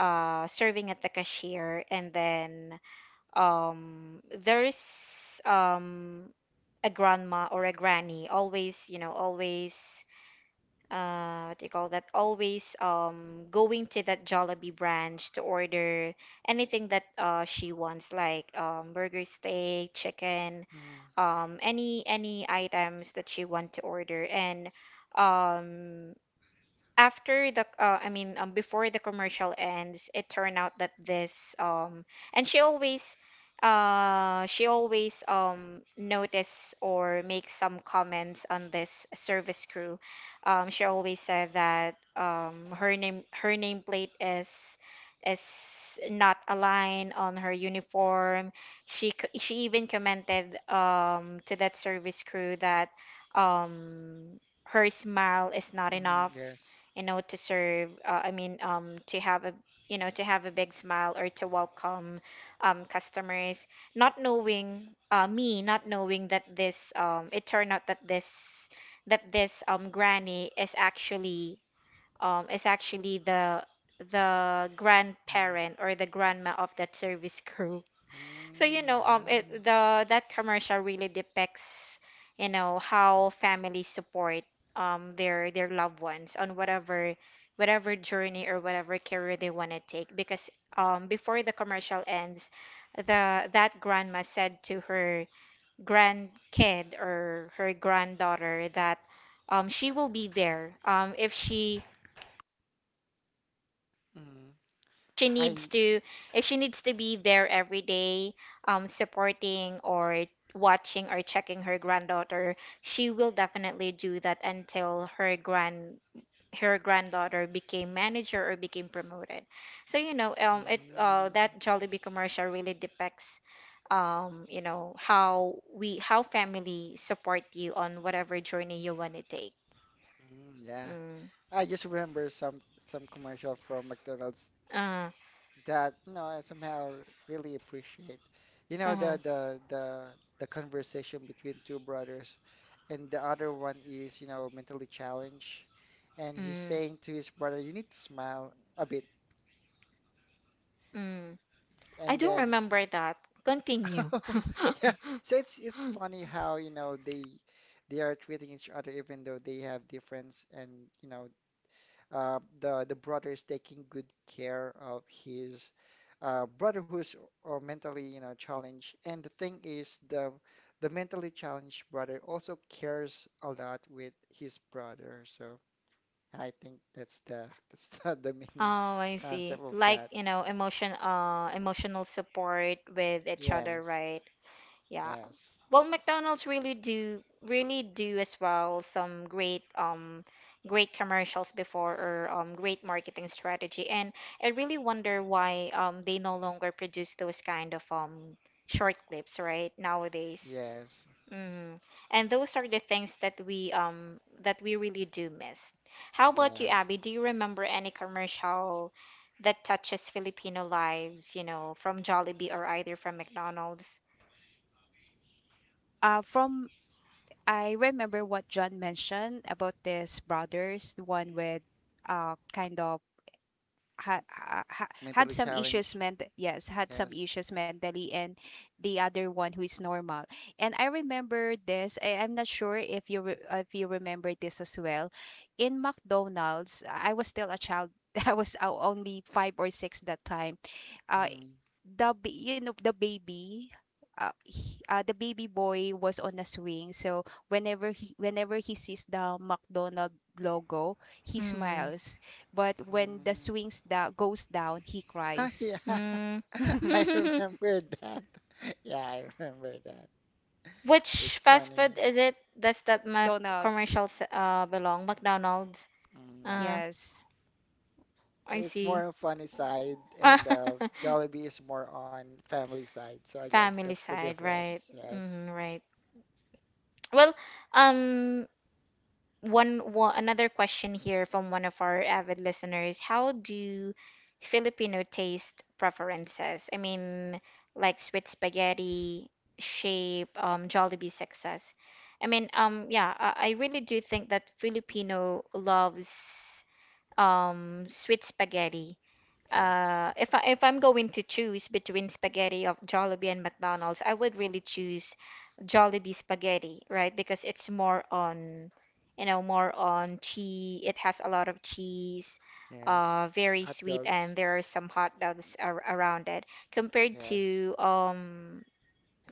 S1: serving at the cashier, and then there's a grandma or a granny, always you know always what do you call that always going to that Jollibee branch to order anything that she wants, like burger steak chicken,
S2: mm
S1: any items that she want to order. And um after the I mean before the commercial ends, it turned out that this and she always notice or make some comments on this service crew. She always said that her name, her nameplate is is not aligned on her uniform. She she even commented to that service crew that um her smile is not
S2: mm
S1: enough,
S2: yes,
S1: you know, to serve, I mean, to have a, you know, to have a big smile or to welcome customers, not knowing, me not knowing that this it turned out that this granny is actually, the
S2: mm
S1: grandparent or the grandma of that service crew. So you know,
S2: mm,
S1: it, the that commercial really depicts, you know, how families support their loved ones on whatever journey or whatever career they want to take. Because before the commercial ends, the that grandma said to her grandkid or her granddaughter that she will be there, if she
S2: yeah. Mm.
S1: she needs
S2: I
S1: to, if she needs to be there every day supporting or watching or checking her granddaughter, she will definitely do that until her grand her granddaughter became manager or became promoted. So you know, it
S2: mm,
S1: that Jollibee commercial really depicts, you know, how we how family support you on whatever journey you want to take.
S2: mm, yeah.
S1: Mm.
S2: I just remember some commercial from McDonald's
S1: uh,
S2: that you know I somehow really appreciate. You know the
S1: mm-hmm.
S2: the conversation between two brothers, and the other one is you know mentally challenged, and he's
S1: Mm.
S2: saying to his brother, "You need to smile a bit."
S1: Mm. I
S2: And
S1: don't
S2: then
S1: remember that. Continue.
S2: yeah, so it's funny how you know they are treating each other even though they have difference and you know the brother is taking good care of his brother who's mentally you know challenged, and the thing is the mentally challenged brother also cares a lot with his brother, so I think that's the that's the main
S1: Oh, I see.
S2: concept of
S1: Like,
S2: that.
S1: you know, emotional support with each other,
S2: Yes.
S1: right? Yeah.
S2: Yes.
S1: Well, McDonald's really do, really do as well, some great great commercials before, or great marketing strategy. And I really wonder why they no longer produce those kind of short clips, right, nowadays.
S2: Yes.
S1: Mm. And those are the things that we, that we really do miss. How about you,
S2: Yes.
S1: Abby? Do you remember any commercial that touches Filipino lives, you know, from Jollibee or either from McDonald's?
S3: From I remember what John mentioned about this brothers, the one with kind of had
S2: Mentally
S3: some
S2: challenged. Yes.
S3: issues mentally, and the other one who is normal. And I remember this, I, I'm not sure if you if you remember this as well. In McDonald's, I was still a child, I was only five or six that time. uh
S2: Mhm.
S3: you know, the baby, the baby boy was on a swing, so whenever he sees the McDonald logo, he
S1: Mm.
S3: smiles, but when the
S2: Mhm.
S3: goes down, he cries.
S2: Yeah.
S1: Mm.
S2: I remember that. Yeah, I remember that.
S1: Which
S2: It's
S1: fast food
S2: funny.
S1: is it? Does that Mac
S3: McDonald's.
S1: commercial belong? McDonald's.
S2: Mm, yeah.
S1: Uh,
S3: Yes.
S2: So
S1: I
S2: it's
S1: see.
S2: more on funny side, and Jollibee is more on family side. So I guess
S1: Family
S2: that's the
S1: side, right?
S2: difference. Yes.
S1: Mm, right. Well, um, one, another question here from one of our avid listeners. How do Filipino taste preferences? I mean, like sweet spaghetti, shape, Jollibee success. I mean, yeah, I really do think that Filipino loves sweet spaghetti.
S2: Yes.
S1: If I'm going to choose between spaghetti of Jollibee and McDonald's, I would really choose Jollibee spaghetti, right? Because it's more on, you know, more on cheese. It has a lot of cheese,
S2: Yes.
S1: very
S2: Hot
S1: sweet, and
S2: dogs.
S1: there are some hot dogs ar around it. Compared
S2: Yes.
S1: to um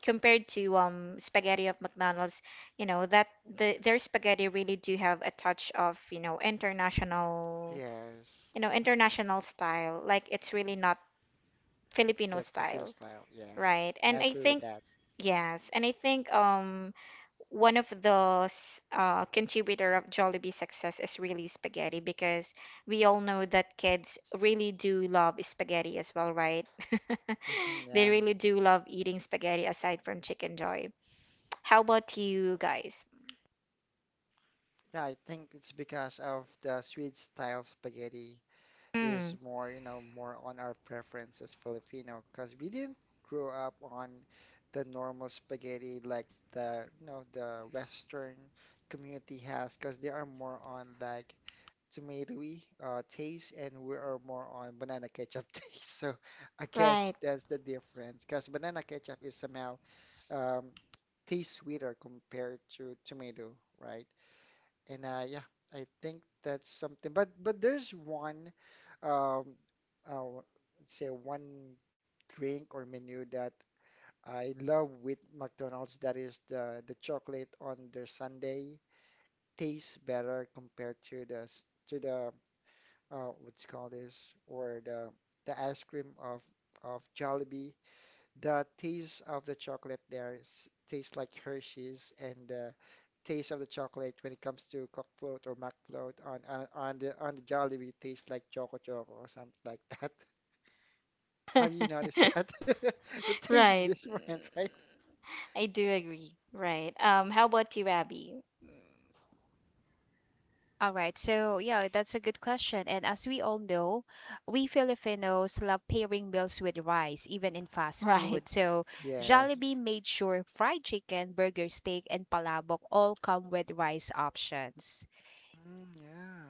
S1: compared to um spaghetti of McDonald's, you know, that their spaghetti really do have a touch of, you know, international,
S2: Yes.
S1: international style. Like, it's really not Filipino
S2: The Filipino
S1: style,
S2: style. Yes.
S1: right?
S2: I
S1: And I
S2: agree with
S1: think,
S2: that.
S1: yes, and I think one of the contributor of Jollibee success is really spaghetti, because we all know that kids really do love spaghetti as well, right?
S2: Yeah.
S1: They really do love eating spaghetti aside from Chicken Joy. How about you guys?
S2: Yeah, I think it's because of the sweet style spaghetti is
S1: Mm,
S2: more, you know, more on our preference as Filipino because we didn't grow up on the normal spaghetti like the, you know, the Western community has because they are more on like tomatoey taste and we are more on banana ketchup taste. So I guess
S1: right.
S2: that's the difference because banana ketchup is somehow um, tastes sweeter compared to tomato, right? And yeah, I think that's something. But there's one, um, uh, let's say one drink or menu that I love with McDonald's. That is the chocolate on their sundae tastes better compared to the to the what's called this or the ice cream of Jollibee. The taste of the chocolate there tastes like Hershey's, and the taste of the chocolate when it comes to cock float or mac float on the Jollibee tastes like Choco Choco or something like that. Have you noticed that? The taste is
S1: Right.
S2: different, right?
S1: I do agree. Right. How about you, Abby?
S3: All right, so yeah, that's a good question. And as we all know, we Filipinos love pairing meals with rice, even in fast
S1: Right.
S3: food. So Jollibee
S2: Yes.
S3: made sure fried chicken, burger, steak, and palabok all come with rice options.
S2: Mm, yeah,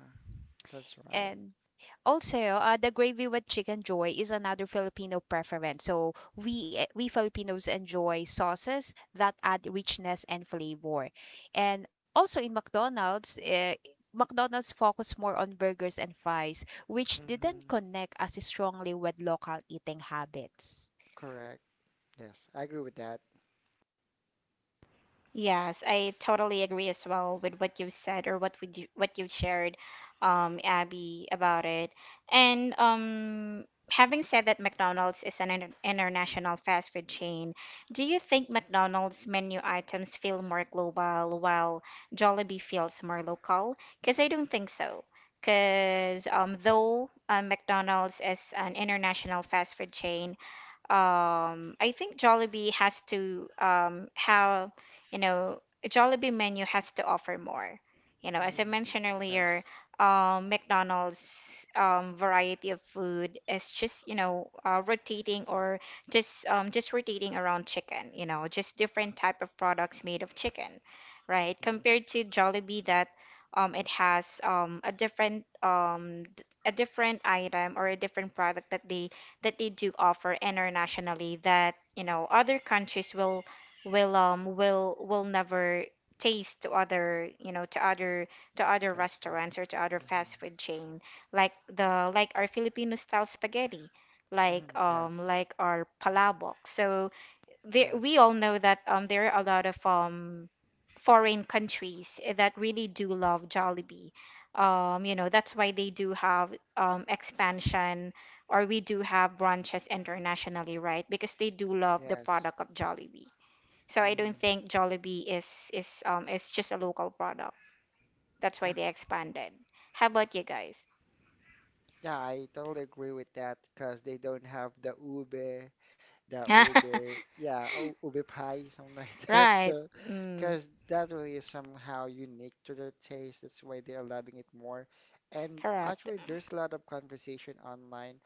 S2: that's right.
S3: And also, the gravy with chicken joy is another Filipino preference. So we, we Filipinos enjoy sauces that add richness and flavor. And also in McDonald's, McDonald's focused more on burgers and fries, which didn't
S2: Hmm.
S3: connect as strongly with local eating habits.
S2: Correct. Yes, I agree with that.
S1: Yes, I totally agree as well with what you've said, or what we do, what you've shared, Abby, about it. And having said that McDonald's is an international fast food chain, do you think McDonald's menu items feel more global while Jollibee feels more local? Because I don't think so. Because though McDonald's is an international fast food chain, I think Jollibee has to have, you know, a Jollibee menu has to offer more. You know, as I
S2: Hmm.
S1: mentioned earlier,
S2: Yes.
S1: McDonald's variety of food is just, you know, rotating or just rotating around chicken, you know, just different type of products made of chicken, right?
S2: Mm.
S1: Compared to Jollibee, that it has a different a different item or a different product that they do offer internationally, that you know, other countries will never taste to other, you know, to other
S2: Fast food.
S1: restaurants or to other
S2: Hmm.
S1: fast food chain. Like the, like our Filipino style spaghetti,
S2: Hmm. Yes.
S1: like our palabok. So there, we
S2: Yes.
S1: all know that there are a lot of foreign countries that really do love Jollibee. You know, that's why they do have expansion, or we do have branches internationally, right? Because they do love the
S2: Yes.
S1: product of Jollibee. So I don't
S2: Hmm.
S1: think Jollibee is just a local product. That's why they expanded. How about you guys?
S2: Yeah, I totally agree with that because they don't have the ube, yeah, ube pie, something like that.
S1: Right.
S2: So,
S1: Mm,
S2: because that really is somehow unique to their taste. That's why they are loving it more. And
S1: correct.
S2: actually, there's a lot of conversation online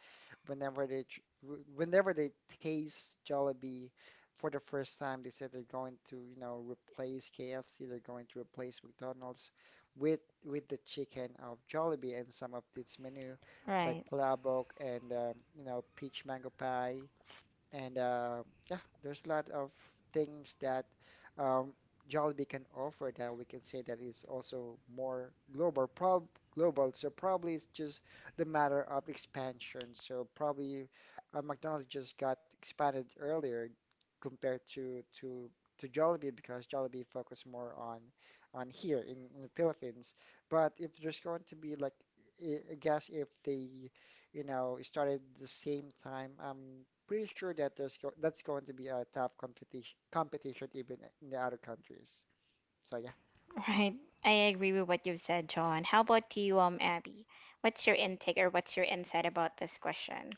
S2: whenever they whenever they taste Jollibee for the first time, they said they're going to, you know, replace KFC, they're going to replace McDonald's with the chicken of Jollibee and some of its menu, like
S1: Right.
S2: palabok and you know, peach mango pie and yeah, there's a lot of things that um, Jollibee can offer that we can say that is also more global, prob global. So probably it's just the matter of expansion. So probably McDonald's just got expanded earlier compared to to Jollibee because Jollibee focused more on here in the Philippines. But if there's going to be like, I guess if they you know, started at the same time, I'm pretty sure that there's go that's going to be a tough competition even in the other countries. So yeah.
S1: Right. I agree with what you've said, John. How about you, Abby? What's your intake or what's your insight about this question?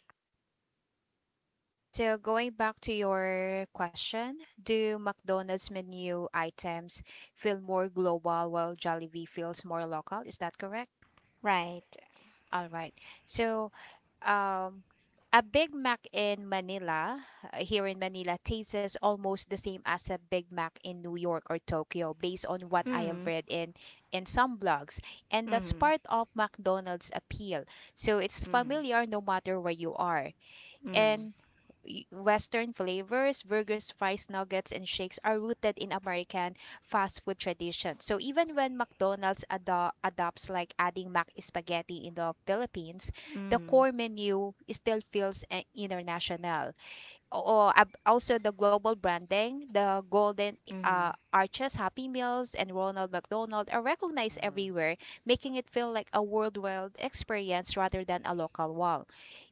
S3: So going back to your question, do McDonald's menu items feel more global while Jollibee feels more local? Is that correct?
S1: Right.
S3: All right. So, um, a Big Mac in Manila, here in Manila, tastes almost the same as a Big Mac in New York or Tokyo, based on what I
S2: Mm,
S3: have
S1: Mm.
S3: read in some blogs, and that's
S1: Mm.
S3: part of McDonald's appeal. So it's
S1: Mm.
S3: familiar no matter where you are.
S2: yes.
S1: Mm.
S3: And Western flavors, burgers, fries, nuggets, and shakes are rooted in American fast food tradition. So even when McDonald's adopts like adding mac spaghetti in the Philippines, the
S1: Mm.
S3: core menu still feels, international. Or also the global branding, the Golden
S1: Mm.
S3: Arches, Happy Meals, and Ronald McDonald are recognized
S2: Mm,
S3: everywhere, making it feel like a worldwide experience rather than a local one.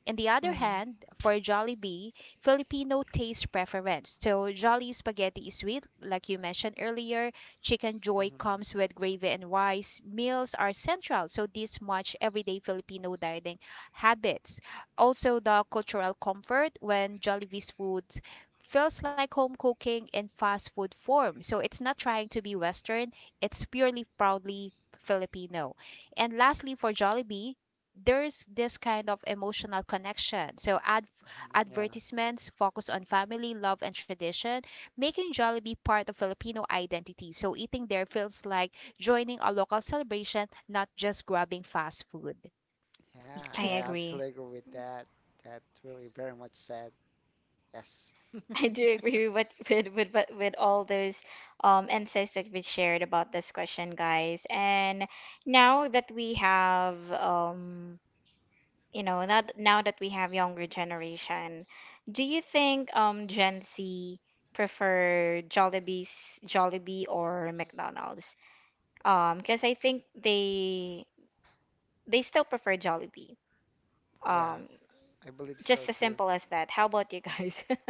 S3: On the other
S1: Mm.
S3: hand, for Jollibee, Filipino taste preference. So Jolly spaghetti is sweet, like you mentioned earlier. Chicken joy comes
S2: mm,
S3: with gravy and rice. Meals are central, so this much everyday Filipino dining habits. Also, the cultural comfort when Jollibee's foods feels like home cooking in fast food form. So it's not trying to be Western, it's purely proudly Filipino. And lastly, for Jollibee, there's this kind of emotional connection. So
S2: mm, yeah.
S3: advertisements focus on family, love, and tradition, making Jollibee part of Filipino identity. So eating there feels like joining a local celebration, not just grabbing fast food.
S2: Yeah,
S1: I
S2: I
S1: agree.
S2: absolutely agree with that. That's really very much said. Yes.
S1: I do agree with all those insights that we shared about this question, guys. And now that we have younger generation, do you think Gen Z prefer Jollibee or McDonald's? Because I think they still prefer Jollibee,
S2: Yeah,
S1: um
S2: I believe so
S1: just as
S2: too.
S1: simple as that. How about you guys?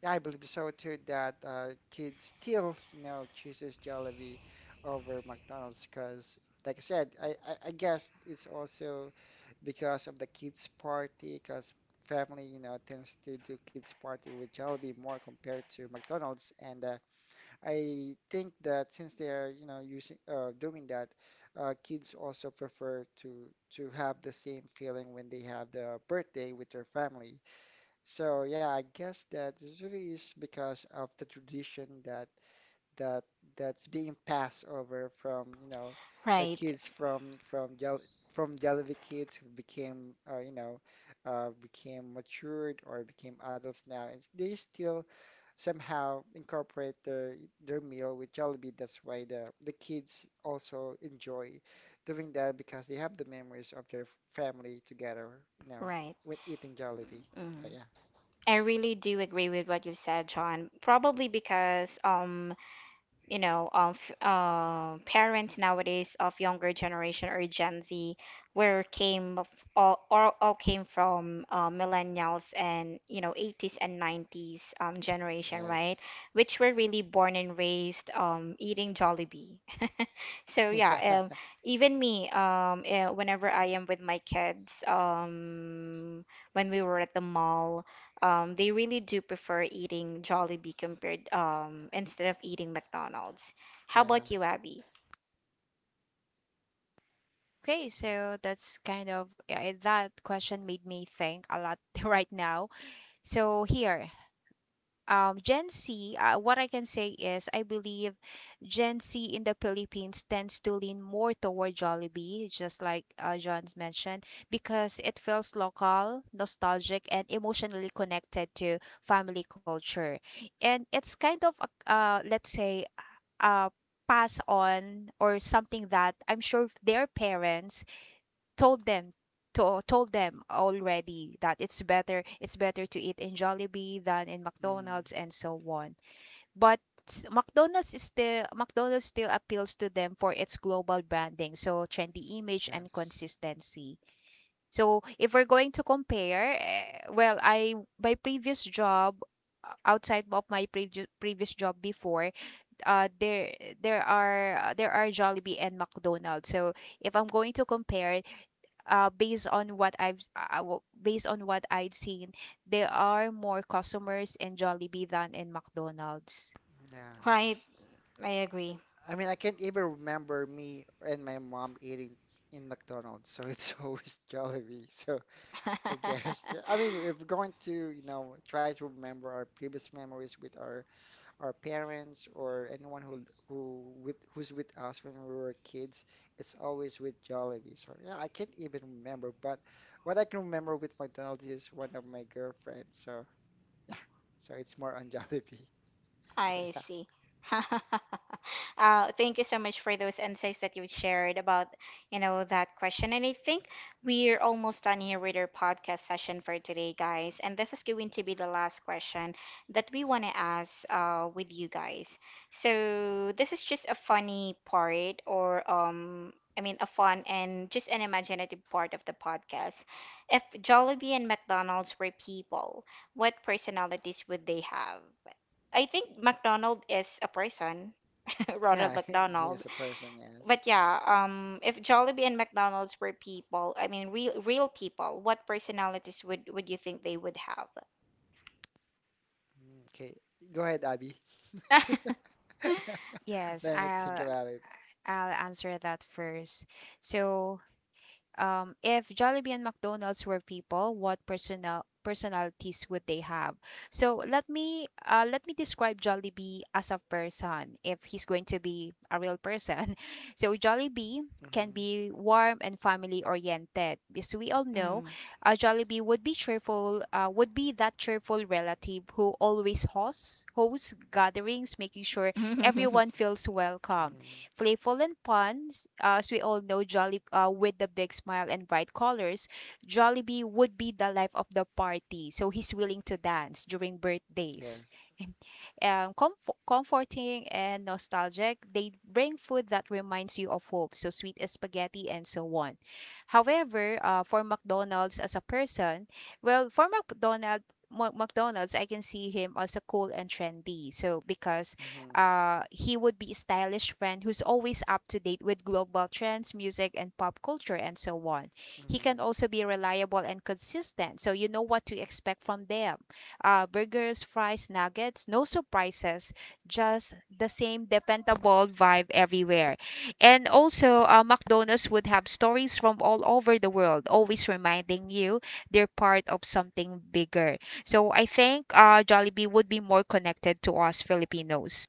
S2: Yeah, I believe so too that kids still, you know, chooses Jollibee over McDonald's because, like I said, I guess it's also because of the kids party because family, you know, tends to do kids party with Jollibee more compared to McDonald's, and I think that since they're, you know, using doing that, kids also prefer to have the same feeling when they have the birthday with their family, so yeah, I guess that usually is because of the tradition that that that's being passed over from, you know, the
S1: Right,
S2: kids from Jell from Jollibee, kids who became you know, became matured or became adults now, and they still somehow incorporate their meal with Jollibee. That's why the kids also enjoy doing that because they have the memories of their family together, you know,
S1: right.
S2: with eating Jollibee. So
S1: Mm.
S2: yeah.
S1: I really do agree with what you said, John. Probably because you know of parents nowadays of younger generation or Gen Z, where came of- all came from millennials, and you know, 80s and 90s generation, right?
S2: Yes.
S1: Which were really born and raised eating Jollibee. So
S2: Yeah.
S1: yeah, even me, whenever I am with my kids, when we were at the mall, they really do prefer eating Jollibee compared, instead of eating McDonald's. How
S2: Yeah.
S1: about you, Abby?
S3: Okay,
S2: Mm.
S3: so that's kind of, yeah, that question made me think a lot. Right now. So here, Gen Z, what I can say is I believe Gen Z in the Philippines tends to lean more toward Jollibee, just like John's mentioned, because it feels local, nostalgic, and emotionally connected to family culture, and it's kind of a, let's say, uh, pass on or something that I'm sure their parents told them to, told them already that it's better to eat in Jollibee than in
S2: Mm.
S3: McDonald's and so on. But McDonald's is still, McDonald's still appeals to them for its global branding, so trendy image and
S2: Yes.
S3: consistency. So if we're going to compare, eh, well, I my previous job, outside of my previous previous job before, uh there there are Jollibee and McDonald's. So if I'm going to compare, based on what I'd seen, there are more customers in Jollibee than in McDonald's.
S2: Yeah.
S1: Right, I agree.
S2: I mean, I can't even remember me and my mom eating in McDonald's, so it's always Jollibee. So I guess, I mean, if we're going to, you know, try to remember our previous memories with our parents or anyone who with who's with us when we were kids, it's always with Jollibee. So yeah, I can't even remember, but what I can remember with McDonald's is one of my girlfriends. So so it's more on Jollibee. So
S1: I
S2: yeah,
S1: see. Thank you so much for those insights that you shared about, you know, that question. And I think we're almost done here with our podcast session for today, guys. And this is going to be the last question that we want to ask with you guys. So this is just a funny part or I mean a fun and just an imaginative part of the podcast. If Jollibee and McDonald's were people, what personalities would they have? I think McDonald is a person, Ronald
S2: yeah, he
S1: McDonald.
S2: is a person, yes.
S1: But yeah, if Jollibee and McDonald's were people, I mean real people, what personalities would you think they would have?
S2: Mm, okay, go ahead, Abby.
S3: Yes,
S2: Let me think about it.
S3: I'll answer that first. So, if Jollibee and McDonald's were people, what personalities would they have? So let me, let me describe Jollibee as a person if he's going to be a real person. So Jollibee can
S2: Mm-hmm.
S3: be warm and family oriented. As we all know,
S1: Mm.
S3: Jollibee would be cheerful, would be that cheerful relative who always hosts gatherings, making sure everyone feels welcome.
S2: Mm-hmm.
S3: Playful and fun, as we all know, Jolly, with the big smile and bright colors, Jollibee would be the life of the party. So he's willing to dance during birthdays.
S2: Yes.
S3: Comforting and nostalgic, they bring food that reminds you of hope, so sweet as spaghetti and so on. However, for McDonald's as a person, well, for McDonald, McDonald's, I can see him as a cool and trendy. So because
S2: Mm-hmm.
S3: he would be a stylish friend who's always up to date with global trends, music, and pop culture, and so on. He
S2: Mm-hmm.
S3: can also be reliable and consistent, so you know what to expect from them. Burgers, fries, nuggets, no surprises, just the same dependable vibe everywhere. And also, McDonald's would have stories from all over the world, always reminding you they're part of something bigger. So I think Jollibee would be more connected to us Filipinos.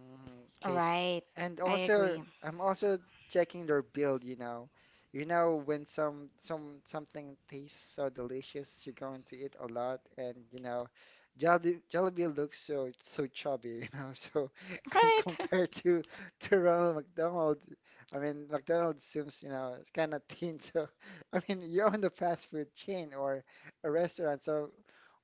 S2: Mm, okay.
S1: Right.
S2: And
S1: I agree.
S2: also, I'm also checking their build, you know. You know, when some something tastes so delicious, you're going to eat a lot, and you know, Jollibee, Jollibee looks so so chubby, you know. So, and
S1: Right.
S2: compared to Ronald McDonald, I mean, McDonald seems, you know, kind of thin. So, I mean, you own the fast food chain or a restaurant, so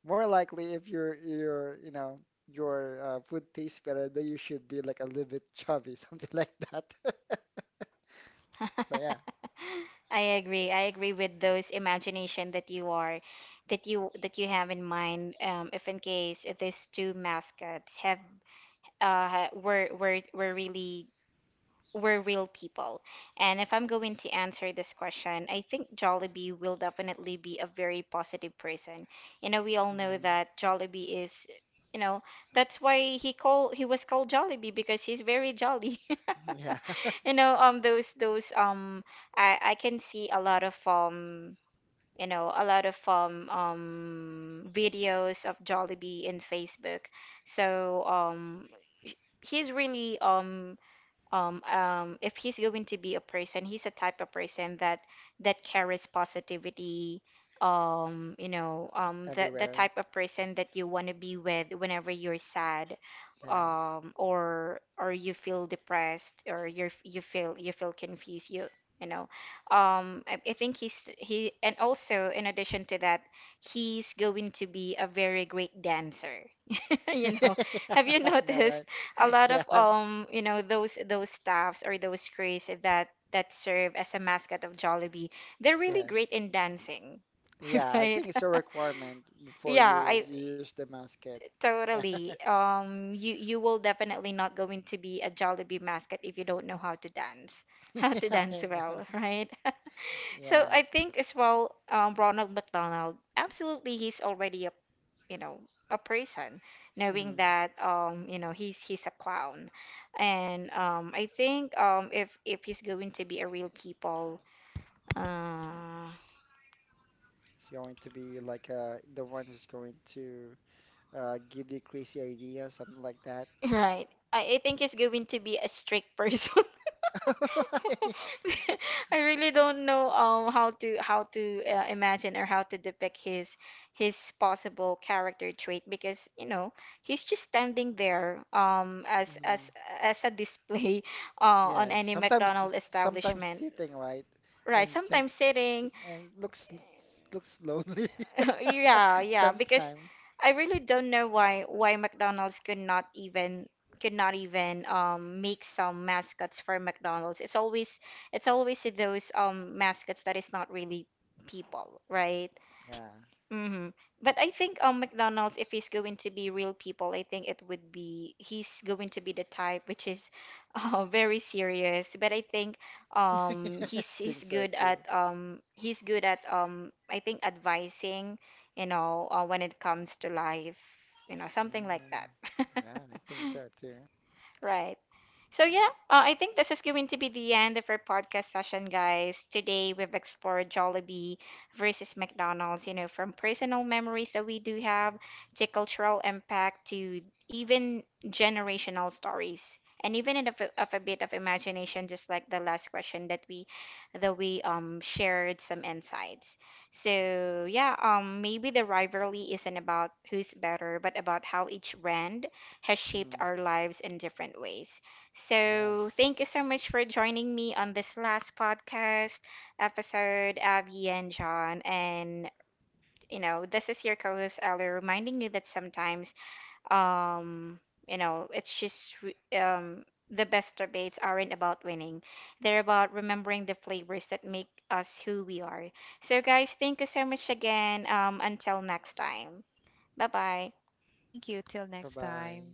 S2: more likely if you're you know your food tastes better, then you should be like a little bit chubby, something like that. So yeah.
S1: I agree. I agree with those imagination that you are that you have in mind, if in case these two mascots have were really we're real people. And if I'm going to answer this question, I think Jollibee will definitely be a very positive person. You know, we all know
S2: Mhm.
S1: that Jollibee is, you know, that's why he was called Jollibee because he's very jolly.
S2: Yeah,
S1: You know, those I can see a lot of You know, a lot of videos of Jollibee in Facebook. So he's really if he's going to be a person, he's a type of person that carries positivity. You know, the
S2: everywhere.
S1: type of person that you want to be with whenever you're sad,
S2: Yes.
S1: or you feel depressed, or you feel confused. You know, I think and also in addition to that, he's going to be a very great dancer. You know,
S2: Yeah,
S1: have you
S2: I know,
S1: noticed
S2: right?
S1: a lot of
S2: Yeah.
S1: you know those staffs or those crews that serve as a mascot of Jollibee. They're really great
S2: Yes.
S1: in dancing.
S2: Yeah, I
S1: Right.
S2: think it's a requirement before
S1: Yeah,
S2: you
S1: I
S2: use the musket. Yeah.
S1: totally you will definitely not going to be a Jollibee mascot if you don't know how to dance, how to
S2: Yeah, I
S1: dance
S2: know.
S1: well, right? So I
S2: Yes.
S1: think as well, Ronald McDonald absolutely, he's already a, you know, a person, knowing
S2: Mhm.
S1: that you know he's a clown. And I think if he's going to be a real people, uh
S2: It's going to be like uh, the one who's going to give you crazy ideas, something like that.
S1: right, I think he's going to be a strict person. I really don't know how to imagine or how to depict his possible character trait, because you know he's just standing there
S2: Mhm.
S1: as a display. On
S2: Yes,
S1: any McDonald
S2: sometimes
S1: establishment.
S2: sitting, right,
S1: Right,
S2: and some
S1: sometimes sitting.
S2: and looks lonely
S1: Yeah, yeah, because
S2: sometimes.
S1: I really don't know why McDonald's could not even make some mascots for McDonald's. It's always those mascots that is not really people, right?
S2: Yeah,
S1: Mm-hmm. But I think McDonald's, if he's going to be real people, I think it would be he's going to be the type which is very serious. But I think
S2: I think so too.
S1: he's good at I think advising, you know, when it comes to life, you know, something like that.
S2: Mm, yeah, I think so too.
S1: Right. So yeah, I think this is going to be the end of our podcast session, guys. Today we've explored Jollibee versus McDonald's, you know, from personal memories that we do have, to cultural impact, to even generational stories. And even in of a bit of imagination, just like the last question that we shared some insights. So yeah, maybe the rivalry isn't about who's better, but about how each brand has shaped
S2: Mm,
S1: our lives in different ways. So,
S2: yes.
S1: thank you so much for joining me on this last podcast episode, Abby and John. And, you know, this is your co host, Ellie, reminding you that sometimes, um, you know, the best debates aren't about winning, they're about remembering the flavors that make us who we are. So, guys, thank you so much again. Until next time. Bye bye.
S3: Thank you. Till
S2: Bye
S3: next
S2: bye.
S3: time.